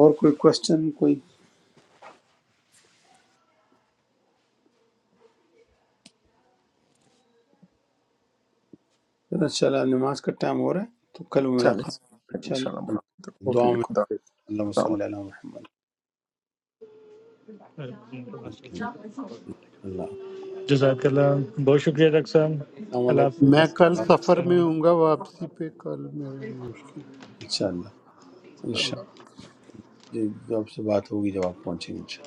اور کوئی کوشچن کوئی پھر انشاءاللہ نماز کا ٹائم ہو رہا ہے تو کل
چلیں
ملاقات
پھر انشاءاللہ
انشاءاللہ
ملاقات
دعا
ہوگی
میں
خدا حافظ۔
اللہ
السلام
صلی
علیکم۔
اللہ علیہ محمد
InshaAllah.
اللہ
JazakAllah.
السلام
میں کل
علیکم
سفر
Very
میں
much.
ہوں گا واپسی پہ کل میرے مشکل ہے
انشاءاللہ
اللہ
انشاءاللہ جی، جو آپ سے بات ہوگی جب آپ پہنچیں گے ان شاء اللہ۔